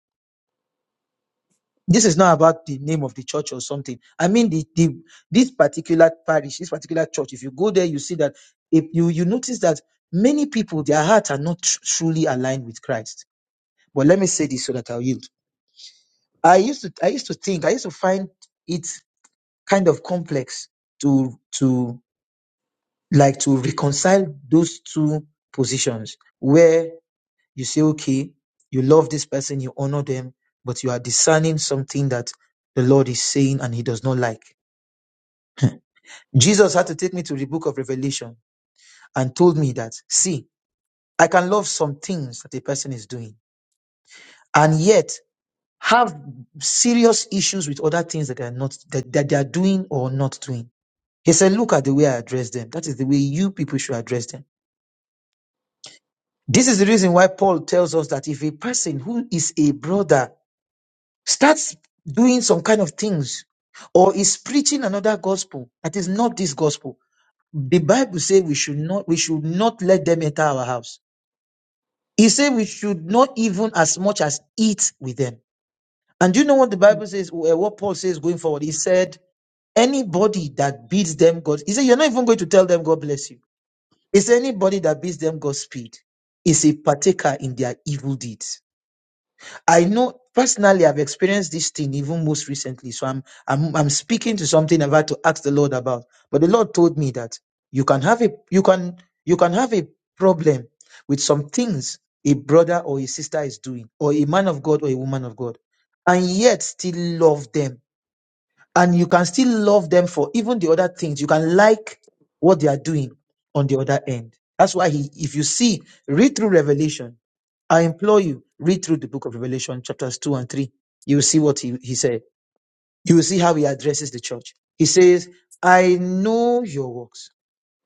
S5: This is not about the name of the church or something. I mean, the, the this particular parish, this particular church. If you go there, you see that if you you notice that many people their hearts are not tr- truly aligned with Christ. But let me say this so that I'll yield. I used to I used to think I used to find it. kind of complex to to like to reconcile those two positions where you say okay you love this person you honor them but you are discerning something that the lord is saying and he does not like jesus had to take me to the book of revelation and told me that see i can love some things that a person is doing and yet have serious issues with other things that they are not that, that they are doing or not doing he said look at the way i address them that is the way you people should address them This is the reason why Paul tells us that if a person who is a brother starts doing some kind of things or is preaching another gospel that is not this gospel, the Bible says we should not we should not let them enter our house. He said we should not even as much as eat with them. And do you know what the
S3: mm,
S5: Bible says? uh, What Paul says going forward? He said, anybody that bids them God, he said, you're not even going to tell them God bless you. It's anybody that bids them Godspeed is a partaker in their evil deeds. I know personally I've experienced this thing even most recently. So I'm I'm I'm speaking to something I've had to ask the Lord about. But the Lord told me that you can have a you can you can have a problem with some things a brother or a sister is doing, or a man of God or a woman of God, and yet still love them and you can still love them for even the other things. You can like what they are doing on the other end. That's why he, if you see, read through Revelation. I implore you, read through the book of Revelation, chapters two and three. You will see what he, he said. You will see how he addresses the church. He says, I know your works.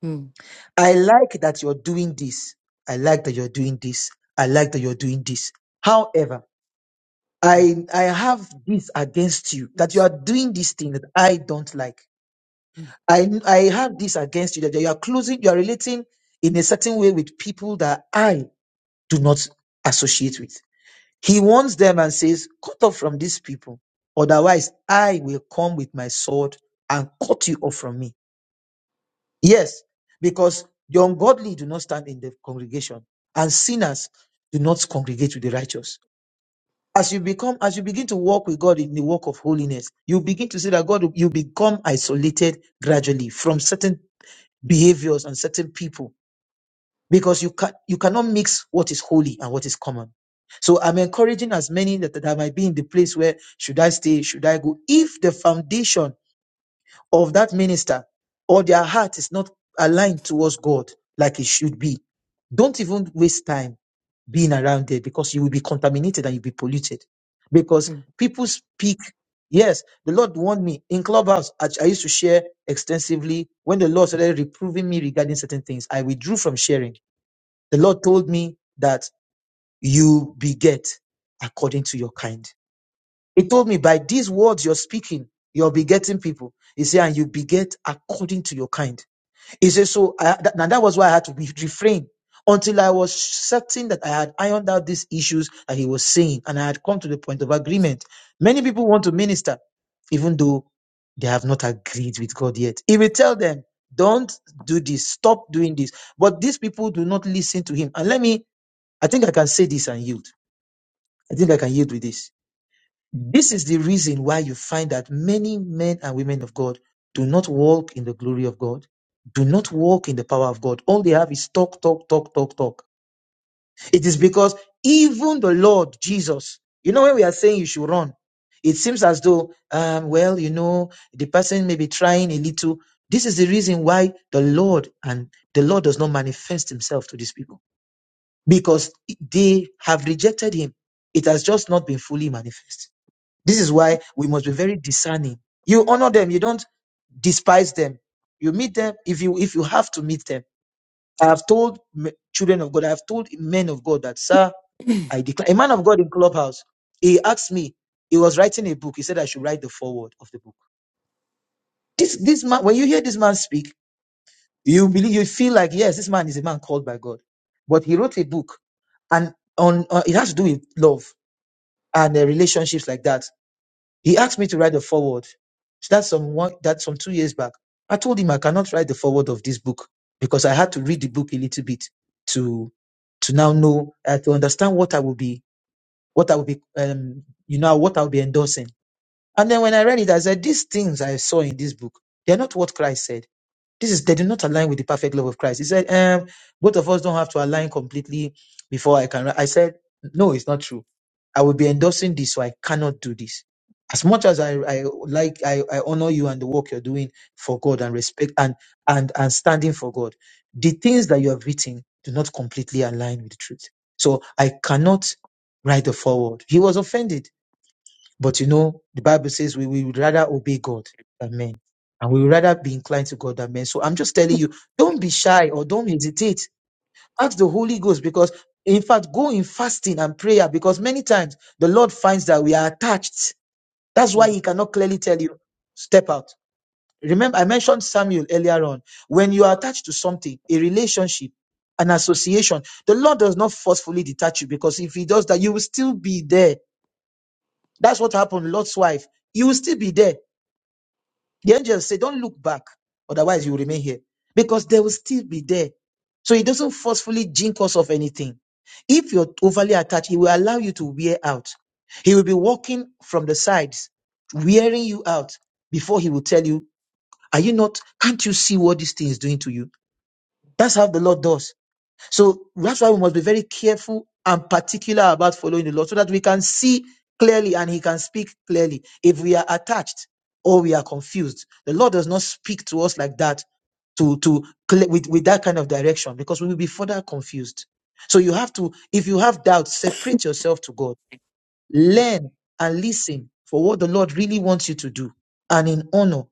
S3: mm, mm, mm,
S5: I like that you're doing this. I like that you're doing this. I like that you're doing this. However,
S3: mm,
S5: I, I have this against you that you
S3: yes,
S5: are doing this thing that I don't like
S3: mm,
S5: I, I have this against you that you are closing, you are relating in a certain way with people that I do not associate with. He warns them and says, Cut off from these people, otherwise I will come with my sword and cut you off from me. Yes, because the ungodly do not stand in the congregation, and sinners do not congregate with the righteous. As you become, as you begin to walk with God in the walk of holiness, you begin to see that God, you become isolated gradually from certain behaviors on certain people because you can you cannot mix what is holy and what is common. So I'm encouraging as many that, that might be in the place where should I stay, should I go? If the foundation of that minister or their heart is not aligned towards God like it should be, don't even waste time being around there because you will be contaminated and you'll be polluted. Because
S3: mm,
S5: people speak, yes, the Lord warned me in Clubhouse. I, I used to share extensively. When the Lord started reproving me regarding certain things, I withdrew from sharing. The Lord told me that you beget according to your kind. He told me, by these words you're speaking, you're begetting people. He said, and you beget according to your kind. He said, so I, that, and that was why I had to be, refrain until I was certain that I had ironed out these issues that he was saying, and I had come to the point of agreement. Many people want to minister, even though they have not agreed with God yet. He will tell them, don't do this, stop doing this. But these people do not listen to him. And let me, I think I can say this and yield. I think I can yield with this this is the reason why you find that many men and women of God do not walk in the glory of God, do not walk in the power of God. All they have is talk, talk, talk, talk, talk. It is because even the Lord Jesus, you know, when we are saying you should run, it seems as though, um, well, you know, the person may be trying a little. This is the reason why the Lord and the Lord does not manifest himself to these people because they have rejected him. It has just not been fully manifest. This
S3: mm,
S5: is
S3: mm,
S5: why we must be very discerning. You honor them, you don't despise them. You meet them if you if you have to meet them. I have told m- children of God, I have told men of God that, sir, I declare. A man of God in Clubhouse, he asked me, he was writing a book. He said I should write the foreword of the book. This this man, when you hear this man speak, you believe you feel like yes, this man is a man called by God, but he wrote a book, and on uh, it has to do with love and uh, relationships like that. He asked me to write the foreword. So that's some one that's some two years back. I told him I cannot write the foreword of this book because I had to read the book a little bit to to now know uh, to understand what I will be what I will be um you know what I'll be endorsing. And then when I read it, I said these things I saw in this book they're not what Christ said. This is they do not align with the perfect love of Christ. He said um both of us don't have to align completely before I can. write." I said no, it's not true I will be endorsing this, so I cannot do this. As much as I, I like, I, I honor you and the work you're doing for God and respect and, and, and standing for God, the things that you have written do not completely align with the truth. So I cannot write the forward. He was offended. But you know, the Bible says we, we would rather obey God than men. And we would rather be inclined to God than men. So I'm just telling you, don't be shy or don't hesitate ask the Holy Ghost because, in fact, go in fasting and prayer because many times the Lord finds that we are attached. That's why
S3: mm,
S5: He cannot clearly tell you, step out. Remember, I mentioned Samuel earlier on. When you are attached to something, a relationship, an association, the Lord does not forcefully detach you because if He does that, you will still be there. That's what happened, Lot's wife. You will still be there. The angels say, Don't look back, otherwise you will remain here. Because they will still be there. So he doesn't forcefully jink us of anything. If you're overly attached, he will allow you to wear out. He will be walking from the sides, wearing you out before he will tell you, Are you not? Can't you see what this thing is doing to you? That's how the Lord does. So that's why we must be very careful and particular about following the Lord so that we can see clearly and He can speak clearly. If we are attached or we are confused, the Lord does not speak to us like that to to cle- with, with that kind of direction because we will be further confused. So you have to, if you have doubts, separate yourself to God, learn and listen for what the Lord really wants you to do and in honor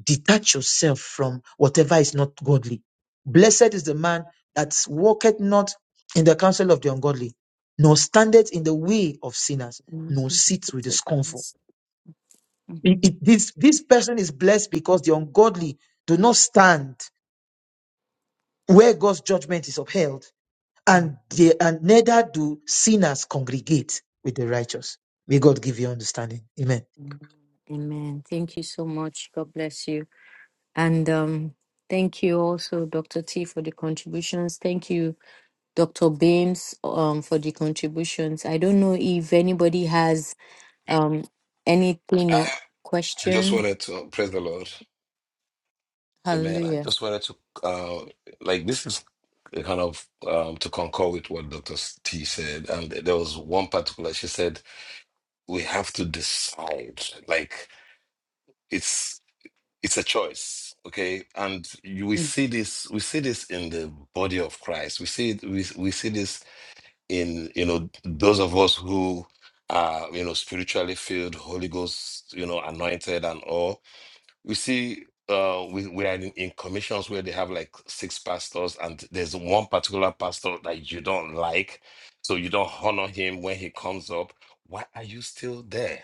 S5: detach yourself from whatever is not godly. Blessed is the man that walketh not in the counsel of the ungodly, nor standeth in the way of sinners,
S3: mm,
S5: nor
S3: mm,
S5: sits with the scornful.
S3: mm,
S5: It- it- this, this person is blessed because the ungodly do not stand where God's judgment is upheld,
S3: mm,
S5: and, they, and neither do sinners congregate with the righteous. May God give you understanding. Amen.
S3: Mm, Amen. Thank you so much. God bless you. And um, thank you also, Dr. T, for the contributions. Thank you, Dr. Beams, um, for the contributions. I don't know if anybody has um, anything or
S6: I I just
S3: question.
S6: wanted to praise the Lord. Amen. I
S3: Hallelujah.
S6: just wanted to uh like this is kind of um to concur with what Dr. T said. And there was one particular she said we have to decide. Like it's it's a choice. Okay. And you, we
S3: Mm,
S6: see this we see this in the body of Christ. We see it we, we see this in you know those of us who are you know spiritually filled, Holy Ghost, you know, anointed and all You see uh we, we are in, in commissions where they have like six pastors and there's one particular pastor that you don't like, so you don't honor him when he comes up. Why are you still there?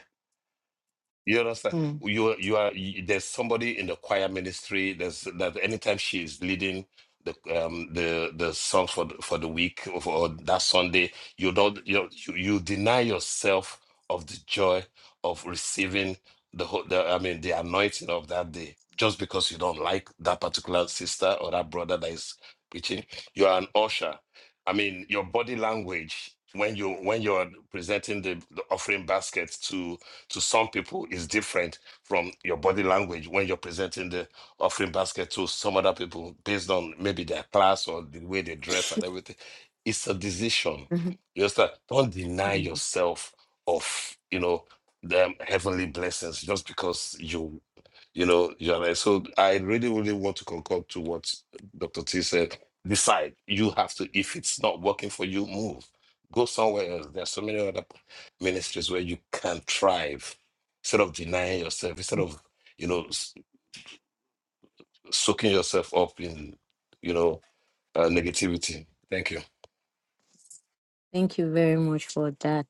S6: You understand?
S3: mm,
S6: You you are you, there's somebody in the choir ministry. There's that anytime she is leading the um the the song for the, for the week or, for, that Sunday, you don't you, you you deny yourself of the joy of receiving the, whole- the I mean the anointing of that day just because you don't like that particular sister or that brother that is preaching. You are an usher. I mean your body language when you when you're presenting the, the offering basket to to some people is different from your body language when you're presenting the offering basket to some other people based on maybe their class or the way they dress and everything. It's a decision.
S3: mhm,
S6: You understand? Don't deny
S3: mm.
S6: yourself of, you know, them heavenly blessings just because you you know, Joanna. So I really, really want to concur to what Dr. T said. Decide. You have to, if it's not working for you, move. Go somewhere else. There are so many other ministries where you can thrive instead of denying yourself, instead of, you know, s- soaking yourself up in, you know, uh, negativity. Thank you.
S3: Thank you very much for that.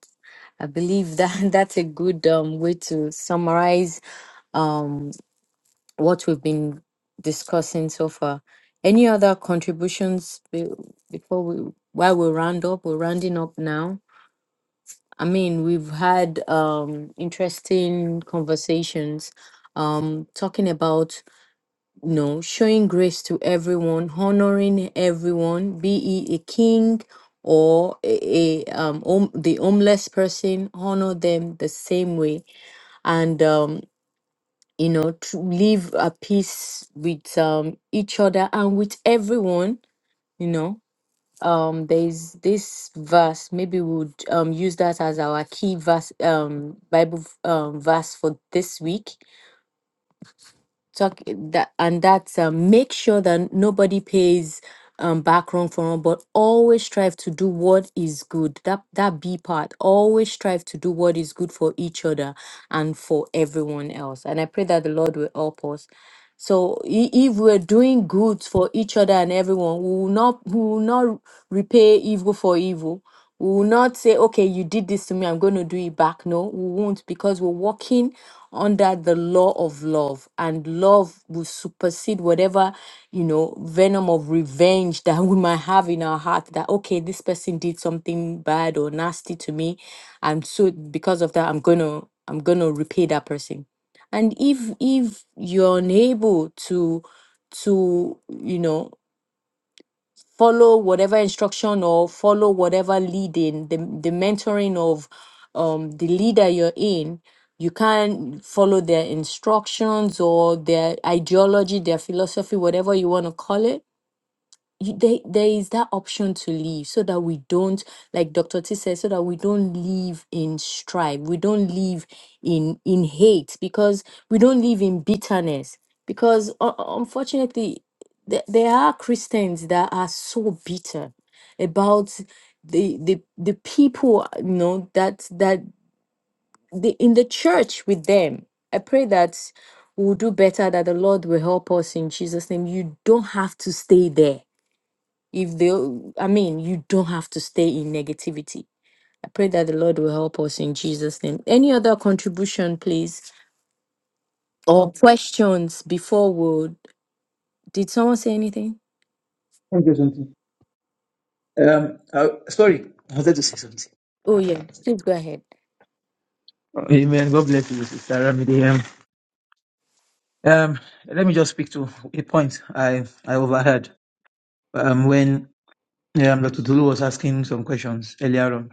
S3: I believe that that's a good um, way to summarize um, what we've been discussing so far. Any other contributions be- before we while we round up? We're rounding up now. I mean, we've had um interesting conversations, um, talking about you know showing grace to everyone, honoring everyone, be he a king or a, a um home, the homeless person, honor them the same way, and um you know to live at peace with um each other and with everyone you know um there's this verse maybe we would um use that as our key verse um bible um verse for this week talk eh, that and that. um, make sure that nobody pays um back wrong for wrong, but always strive to do what is good that that b part always strive to do what is good for each other and for everyone else and i pray that the lord will help us so i- if we're doing good for each other and everyone we will not we will not repay evil for evil we will not say, okay, you did this to me, I'm going to do it back. No, we won't because we're walking under the law of love and love will supersede whatever, you know, venom of revenge that we might have in our heart that, okay, this person did something bad or nasty to me. And so because of that, I'm going to, I'm going to repay that person. And if, if you're unable to, to, you know, follow whatever instruction or follow whatever leading the, the mentoring of um, the leader you're in you can't follow their instructions or their ideology their philosophy whatever you want to call it you, there, there is that option to leave so that we don't like dr t says so that we don't live in strife we don't live in in hate because we don't live in bitterness because uh, unfortunately there, there are christians that are so bitter about the the, the people you know that that the, in the church with them i pray that we'll do better that the lord will help us in jesus name you don't have to stay there if they i mean you don't have to stay in negativity i pray that the lord will help us in jesus name any other contribution please or questions before we did someone say anything
S5: Thank you, something. Um, uh, sorry, I wanted to say something.
S3: oh yeah please go ahead
S5: Amen. God bless you, Sister Ramide. Um, let me just speak to a point I, I overheard um, when um, Dr. Tulu was asking some questions earlier on.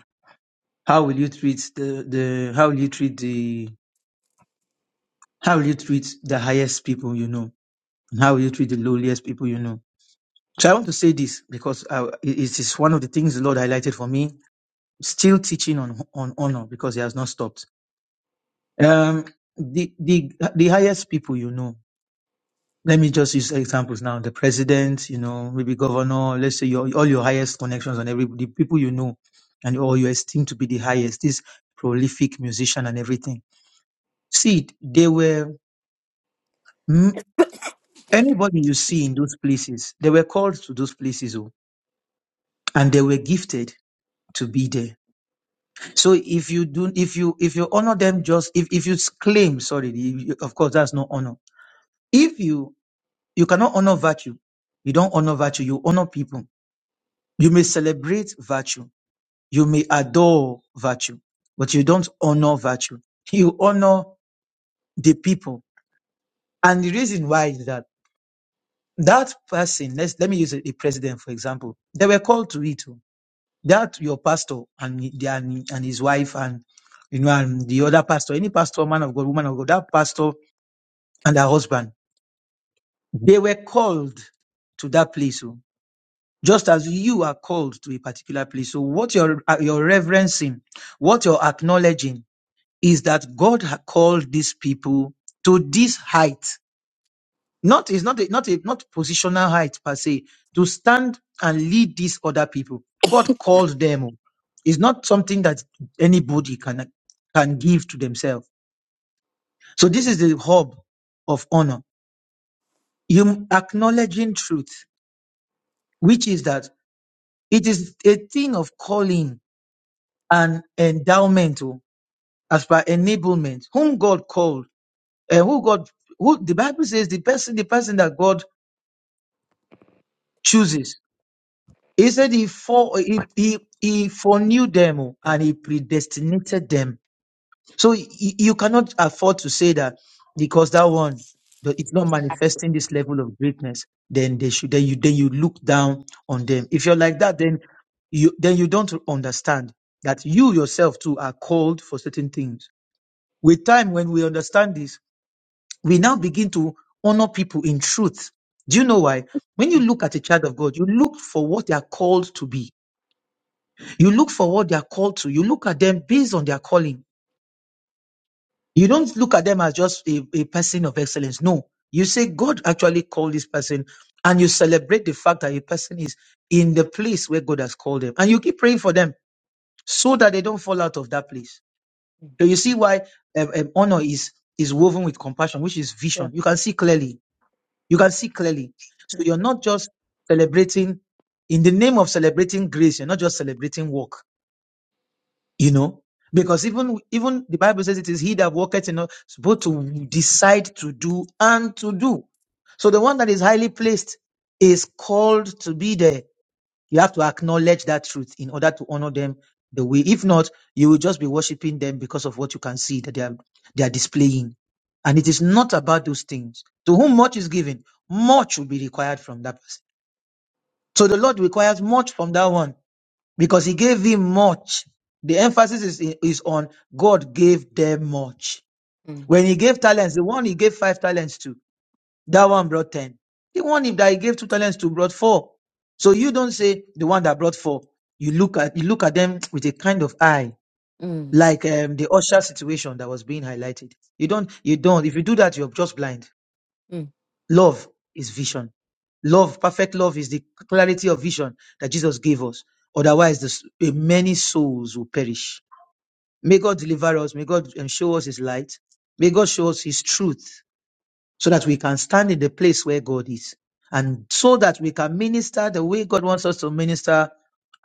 S5: How will you treat the, the how will you treat the how will you treat the highest people you know? And how will you treat the lowliest people you know? So I want to say this because I, it it is one of the things the Lord highlighted for me. Still teaching on on honor because He has not stopped. Um, the the the highest people you know. let me just use examples now. The president, you know, maybe governor, let's say your all your highest connections and every the people you know and or you esteem to be the highest, this prolific musician and everything. See, they were mm, anybody you see in those places, they were called to those places oh, and they were gifted to be there. So if you do if you if you honor them just if, if you claim, sorry, the- of course that's not honor. If you you cannot honor virtue, you don't honor virtue, you honor people You may celebrate virtue. You may adore virtue, but you don't honor virtue. You honor the people. And the reason why is that that person, let's, let me use a, a president, for example, they were called to it. oh. That your pastor and, he- their- and his wife and, you know, and the other pastor, any pastor, man of God, woman of God, that pastor and her husband, they were called to that place. oh. just as you are called to a particular place. So what you're, uh, you're reverencing, what you're acknowledging is that God had called these people to this height. Not, it's not a, not a, not positional height per se, to stand and lead these other people. God called them. It's not something that anybody can, can give to themselves. So this is the hub of honor. You acknowledging truth, which is that it is a thing of calling an endowment oh, as per enablement whom god called and who god who the bible says the person the person that god chooses he said he for he, he, he foreknew them oh, and he predestinated them so y- y- you cannot afford to say that because that one that it's not manifesting this level of greatness then they should then you then you look down on them if you're like that then you then you don't understand that you yourself too are called for certain things With time, when we understand this, we now begin to honor people in truth. Do you know why? When you
S3: Mm,
S5: look at a child of God, you look for what they are called to be. You look for what they are called to. You look at them based on their calling. You don't look at them as just a, a person of excellence. No. You say, God actually called this person, and you celebrate the fact that a person is in the place where God has called them. And you keep praying for them so that they don't fall out of that place.
S3: mm,
S5: So you see why um, um, honor is, is woven with compassion, which is
S3: yeah,
S5: vision. You can see clearly You
S3: mm,
S5: can see clearly. So you're not just celebrating in the name of celebrating grace, you're not just celebrating work, you know. Because even even the Bible says it is he that worketh in us, both to decide to do and to do. So the one that is highly placed is called to be there you have to acknowledge that truth in order to honor them the way. If not, you will just be worshiping them because of what you can see that they are they are displaying. And it is not about those things. To whom much is given, much will be required from that person. So the Lord requires much from that one because He gave him much. The emphasis is, is on God gave them much.
S3: mm,
S5: When He gave talents, the one He gave five talents to, that one brought 10. The one if that he gave two talents to brought four. So you don't say the one that brought four. You look at you look at them with a kind of eye,
S3: mm,
S5: like um, the usher situation that was being highlighted. You don't you don't. If you do that, you're just blind.
S3: mm.
S5: Love is vision. Love, perfect love is the clarity of vision that Jesus gave us. Otherwise, the, s- eh, many souls will perish. May God deliver us. May God eh, show us His light. May God show us His truth so that we can stand in the place where God is and so that we can minister the way God wants us to minister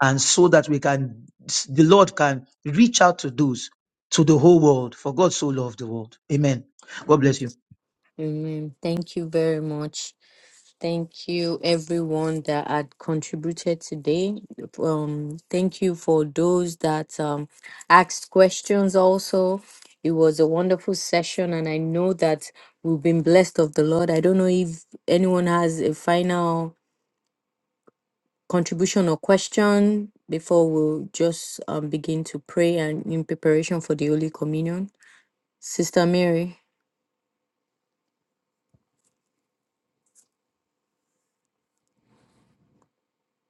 S5: and so that we can the Lord can reach out to those to the whole world for God so loved the world. Amen. God bless you.
S3: Amen. Thank you very much. Thank you, everyone that had contributed today. Um, thank you for those that um, asked questions also. It was a wonderful session, and I know that we've been blessed of the Lord. I don't know if anyone has a final contribution or question before we'll just um, begin to pray and in preparation for the Holy Communion. Sister Mary.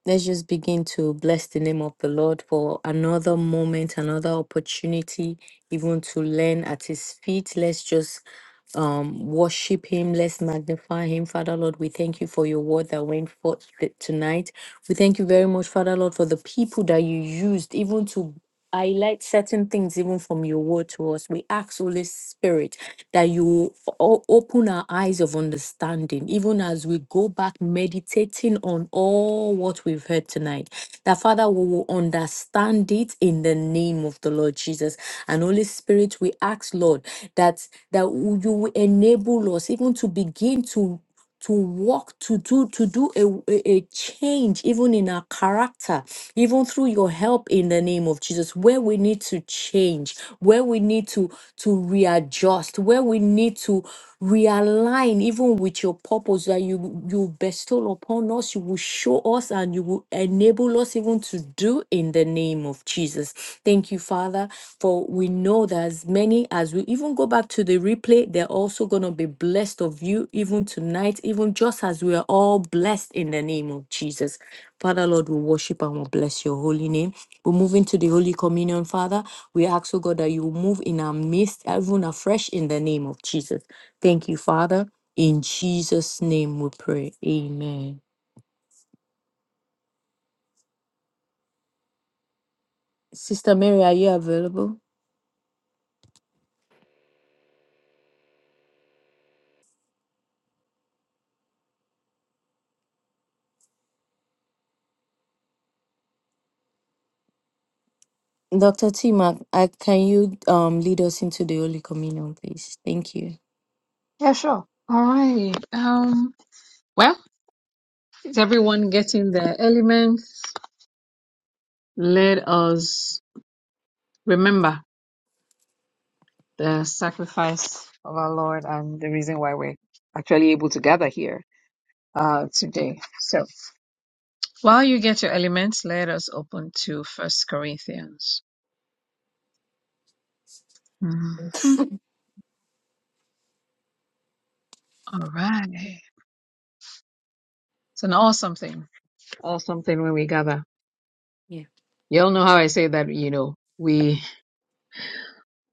S3: Let's just begin to bless the name of the Lord for another moment, another opportunity, even to learn at His feet. Let's just um, worship Him. Let's magnify Him. Father Lord, we thank you for your word that went forth th- tonight. We thank you very much, Father Lord, for the people that you used, even to highlight certain things, even from your word to us. We ask, Holy Spirit that you o- open our eyes of understanding, even as we go back meditating on all what we've heard tonight. That Father, we will understand it in the name of the Lord Jesus. And Holy Spirit, we ask, Lord, that that you will enable us even to begin to to walk to do to do a, a a change even in our character even through your help in the name of jesus where we need to change where we need to to readjust, where we need to realign even with your purpose that you you bestow upon us, you will show us and you will enable us even to do in the name of Jesus. Thank you, Father, for we know that as many as we even go back to the replay, they're also gonna be blessed of you even tonight, even just as we are all blessed in the name of Jesus. Father Lord, we worship and we bless your holy name. We move into the Holy Communion, Father. We ask, oh God, that you move in our midst, even afresh in the name of Jesus. Thank you, Father. In Jesus' name we pray. Amen. Sister Mary, are you available? Dr. Tima, I, can you um, lead us into the Holy Communion, please? Thank you.
S4: Yeah, sure. All right. Um, well, is everyone getting their elements? Let us remember. the sacrifice of our Lord and the reason why we're actually able to gather here uh, today. So while you get your elements, let us open to First Corinthians. Mhm. All right. It's an awesome thing. Awesome thing when we gather.
S3: Yeah.
S4: You all know how I say that, you know, we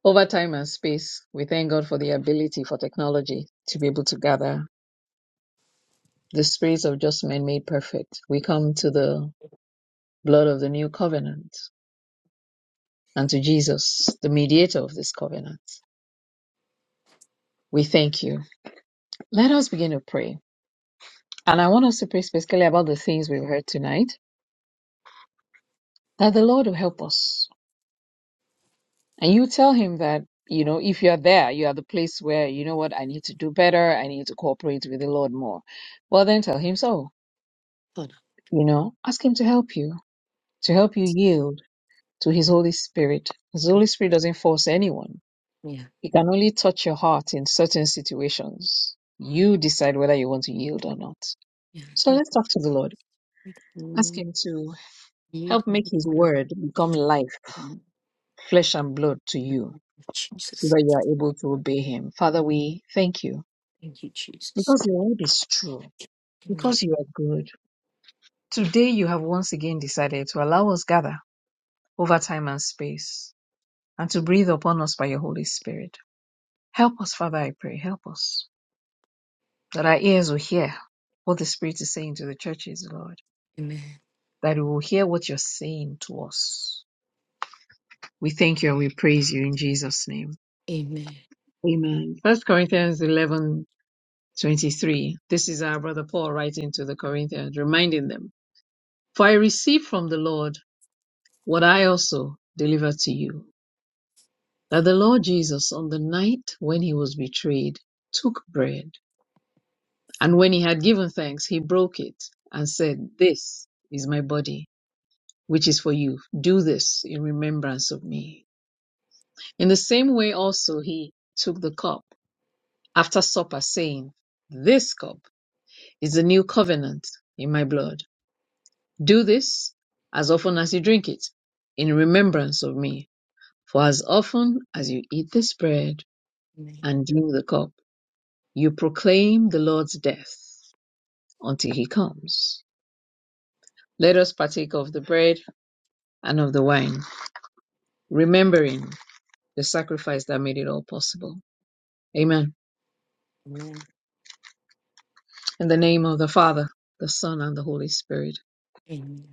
S4: over time and space, we thank God for the ability for technology to be able to gather the spirits of just men made perfect. We come to the blood of the new covenant and to Jesus, the mediator of this covenant. We thank you. Let us begin to pray. And I want us to pray specifically about the things we've heard tonight, that the Lord will help us. And you tell him that, you know, if you're there, you are the place where, you know what, I need to do better. I need to cooperate with the Lord more. Well, then tell him so,
S3: Hold
S4: you know, ask him to help you, to
S3: on.
S4: help you yield to his Holy Spirit. His Holy
S3: Oh,
S4: Spirit doesn't force anyone.
S3: Yeah.
S4: He can only touch your heart in certain situations. You decide whether you want to yield or not.
S3: Yeah.
S4: So
S3: Help
S4: let's
S3: us
S4: talk to the Lord.
S3: with
S4: Ask
S3: the
S4: Him to
S3: need
S4: help
S3: and
S4: make
S3: the
S4: His
S3: word of
S4: word become life,
S3: God.
S4: flesh and blood to you, so
S3: Jesus.
S4: that you are able to obey Him. Father, we thank you
S3: Thank you, Jesus.
S4: because your word is true, because
S3: Amen.
S4: you are good. Today, you have once again decided to allow us gather over time and space and to breathe upon us by your Holy Spirit. Help us, Father, I pray. Help us that our ears will hear what the Spirit is saying to the churches, Lord, that we will hear what you're saying to us. We thank you and we praise you in Jesus' name.
S3: Amen.
S4: Amen. First Corinthians eleven twenty three. This is our brother Paul writing to the Corinthians, reminding them, For I received from the Lord what I also delivered to you, that the Lord Jesus, on the night when he was betrayed, took bread, and when he had given thanks, he broke it and said, This is my body, which is for you. Do this in remembrance of me. In the same way also he took the cup after supper, saying, This cup is the new covenant in my blood. Do this as often as you drink it in remembrance of me. For as often as you eat this bread
S3: Amen.
S4: and drink the cup, you proclaim the Lord's death until he comes. Let us partake of the bread and of the wine, remembering the sacrifice that made it all possible. Amen.
S3: Amen.
S4: In the name of the Father, the Son, and the Holy Spirit.
S3: Amen.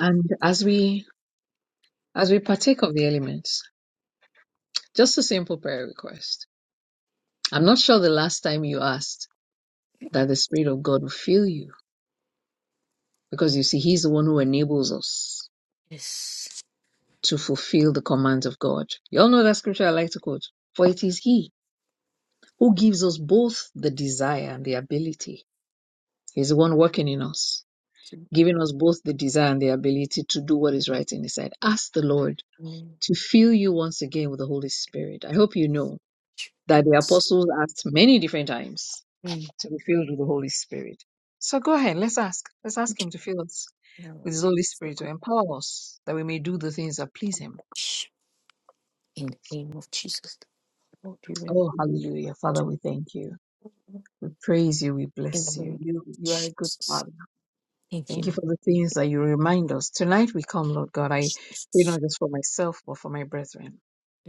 S4: And as we as we partake of the elements, just a simple prayer request I'm not sure the last time you asked that the Spirit of God will fill you because you see, He's the one who enables us
S3: Yes.
S4: to fulfill the commands of God. You all know that scripture I like to quote. For it is He who gives us both the desire and the ability. He's the one working in us,
S3: Amen.
S4: giving us both the desire and the ability to do what is right in His sight. Ask the Lord
S3: Amen.
S4: to fill you once again with the Holy Spirit. I hope you know that the apostles asked many different times to be filled with the Holy Spirit. So go ahead, let's ask. Let's ask Him to fill us with
S3: Lord,
S4: His Holy
S3: so
S4: Spirit to
S3: good.
S4: empower us that we may do the things that please Him.
S3: In the name of Jesus, Lord, we will.
S4: Oh, hallelujah. Father, we thank you. We praise you. We
S3: In the
S4: bless
S3: name
S4: you.
S3: of
S4: You, you are a good
S3: Jesus.
S4: Father.
S3: Thank you.
S4: Thank you
S3: Lord.
S4: for the things that you remind us. Tonight we come, Lord God. I pray not just for myself, but for my brethren.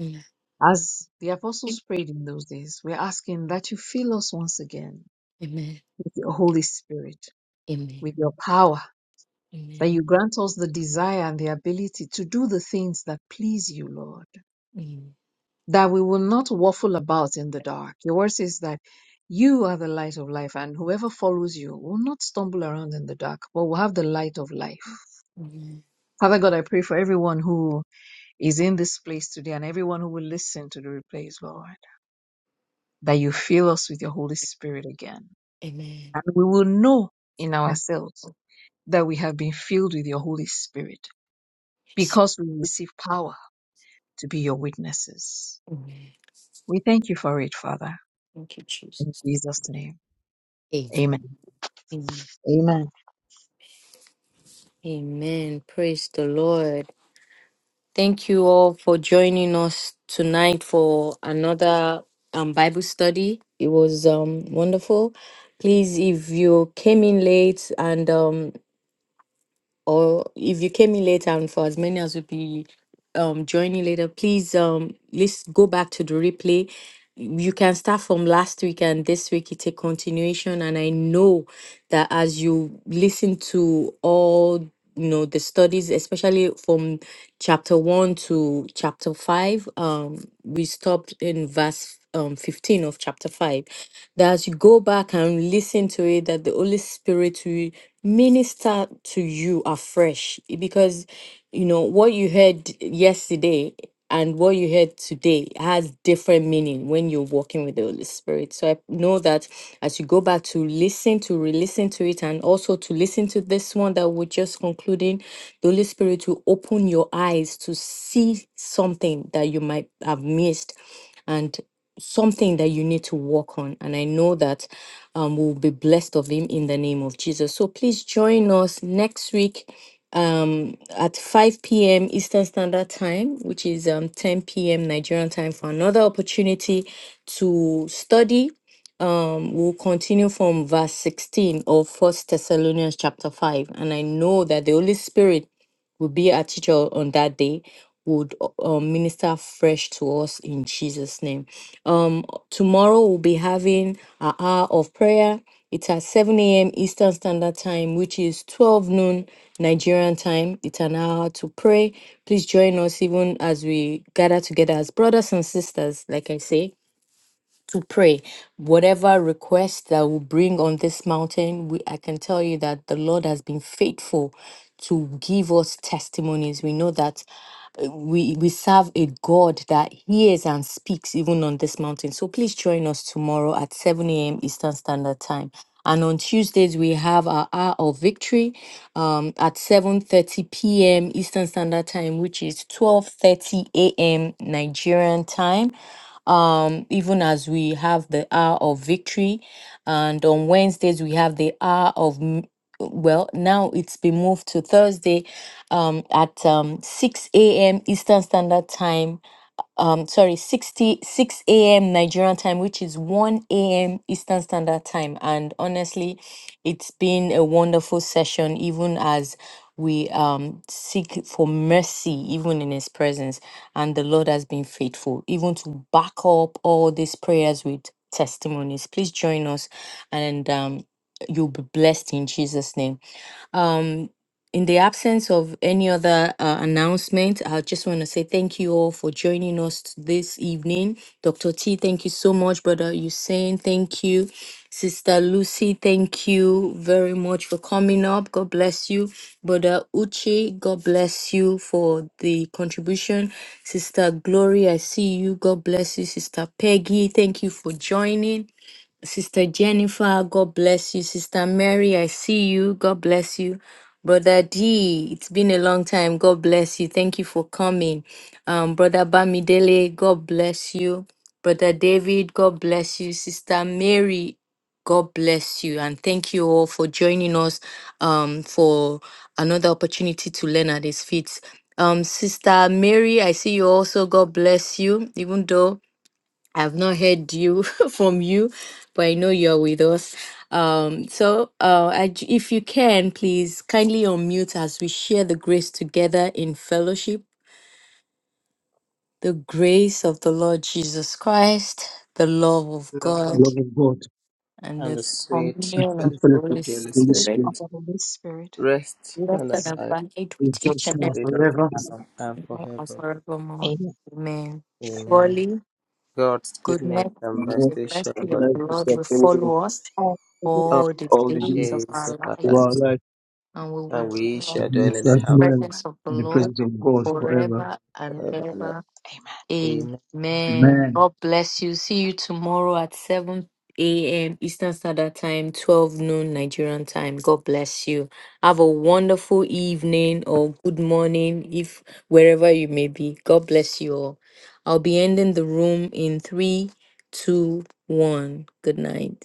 S3: Amen.
S4: As the apostles prayed in those days, we're asking that you fill us once again
S3: Amen.
S4: with your Holy Spirit,
S3: Amen.
S4: with your power that
S3: Amen.
S4: you grant us the desire and the ability to do the things that please you, Lord,
S3: Amen.
S4: that we will not waffle about in the dark. Your word says that you are the light of life, and whoever follows you will not stumble around in the dark, but will have the light of life.
S3: Amen.
S4: Father God, I pray for everyone who is in this place today and everyone who will listen to the replays, Lord, that you fill us with your Holy Spirit again.
S3: Amen.
S4: And we will know in ourselves
S3: Oh,
S4: that we have been filled with your Holy Spirit
S3: yes.
S4: because we receive power to be your witnesses.
S3: Amen.
S4: We thank you for it, Father.
S3: Thank you,
S4: In
S3: Jesus.
S4: Jesus' name. Amen.
S3: Amen.
S4: Amen.
S3: Amen. Praise the Lord. Thank you all for joining us tonight for another um, Bible study. It was um, wonderful. Please, if you came in late and um, or if you came in late and for as many as will be um, joining later, please um, let's go back to the replay you can start from last week and this week it's a continuation and i know that as you listen to all you know the studies especially from chapter 1 to chapter 5 um we stopped in verse um 15 of chapter 5 that as you go back and listen to it that the holy spirit will minister to you afresh because you know what you heard yesterday and what you heard today has different meaning when you're walking with the Holy Spirit. So I know that as you go back to listen to re-listen to it and also to listen to this one that we're just concluding, the Holy Spirit will open your eyes to see something that you might have missed and something that you need to work on. And I know that um, we'll be blessed of him in the name of Jesus. So please join us next week um, at 5 p.m. Eastern Standard Time, which is um, 10 p.m. Nigerian time, for another opportunity to study. Um, we'll continue from verse 16 of First Thessalonians chapter 5. And I know that the Holy Spirit will be our teacher on that day, would uh, uh, minister fresh to us in Jesus' name. Um, tomorrow we'll be having an hour of prayer. It's at 7 a.m. Eastern Standard Time, which is 12 noon Nigerian time. It's an hour to pray. Please join us even as we gather together as brothers and sisters, like I say, to pray. Whatever request that we bring on this mountain, we, I can tell you that the Lord has been faithful to give us testimonies. We know that we we serve a God that hears and speaks even on this mountain. So please join us tomorrow at 7 a.m. Eastern Standard Time. And on Tuesdays we have our hour of victory um, at 7:30 p.m. Eastern Standard Time, which is 12:30 a.m. Nigerian time um, even as we have the hour of victory. And on Wednesdays, we have the hour of, m- well, now it's been moved to Thursday um, at um, 6 a.m. Eastern Standard Time um sorry 60 6 a.m nigerian time which is 1 a.m eastern standard time and honestly it's been a wonderful session even as we um seek for mercy even in his presence and the lord has been faithful even to back up all these prayers with testimonies please join us and um you'll be blessed in jesus name um, in the absence of any other uh, announcement, I just want to say thank you all for joining us t- this evening. Dr. T, thank you so much, Brother Hussein. Thank you. Sister Lucy, thank you very much for coming up. God bless you. Brother Uche. God bless you for the contribution. Sister Glory, I see you. God bless you. Sister Peggy, thank you for joining. Sister Jennifer, God bless you. Sister Mary, I see you. God bless you. Brother D, it's been a long time. God bless you. Thank you for coming. Um, Brother Bamidele, God bless you. Brother David, God bless you. Sister Mary, God bless you. And thank you all for joining us um, for another opportunity to learn at His feet. Um, Sister Mary, I see you also. God bless you. Even though I've not heard you from you, but I know you're with us. Um, so, uh, I j- if you can, please kindly unmute as we share the grace together in fellowship. The grace of the Lord Jesus Christ, the love of God,
S5: Love of God
S3: and the
S5: and
S3: communion
S5: the
S3: of the
S5: fellowship of
S3: Holy
S5: the Holy
S3: Spirit,
S5: Spirit.
S4: Of the Holy Spirit, with
S3: rest and
S4: us.
S3: abide
S5: We
S3: with each
S5: thanks
S4: now
S5: now
S3: other
S5: forever
S3: now and
S4: and
S3: forevermore.
S4: Amen.
S3: Amen. Surely, goodness,
S5: and ever,
S3: and
S5: Amen.
S3: the
S5: And
S3: mercy of the
S5: nice to
S3: Lord
S5: have
S3: will
S5: followed
S3: follow us all the
S5: all the days
S3: days of our
S5: of
S3: lives,
S5: our life
S3: and we will
S5: and
S3: dwell
S5: we
S3: in the
S5: serve well in
S3: presence of the
S5: the
S3: Lord
S5: presence of God forever.
S3: forever and ever.
S4: Amen.
S3: Amen.
S5: Amen.
S3: God bless you. See you tomorrow at 7 a.m. Eastern Standard Time, 12 noon Nigerian time. God bless you. Have a wonderful evening or good morning, if wherever you may be. God bless you all. I'll be ending the room in three, two, one. Good night.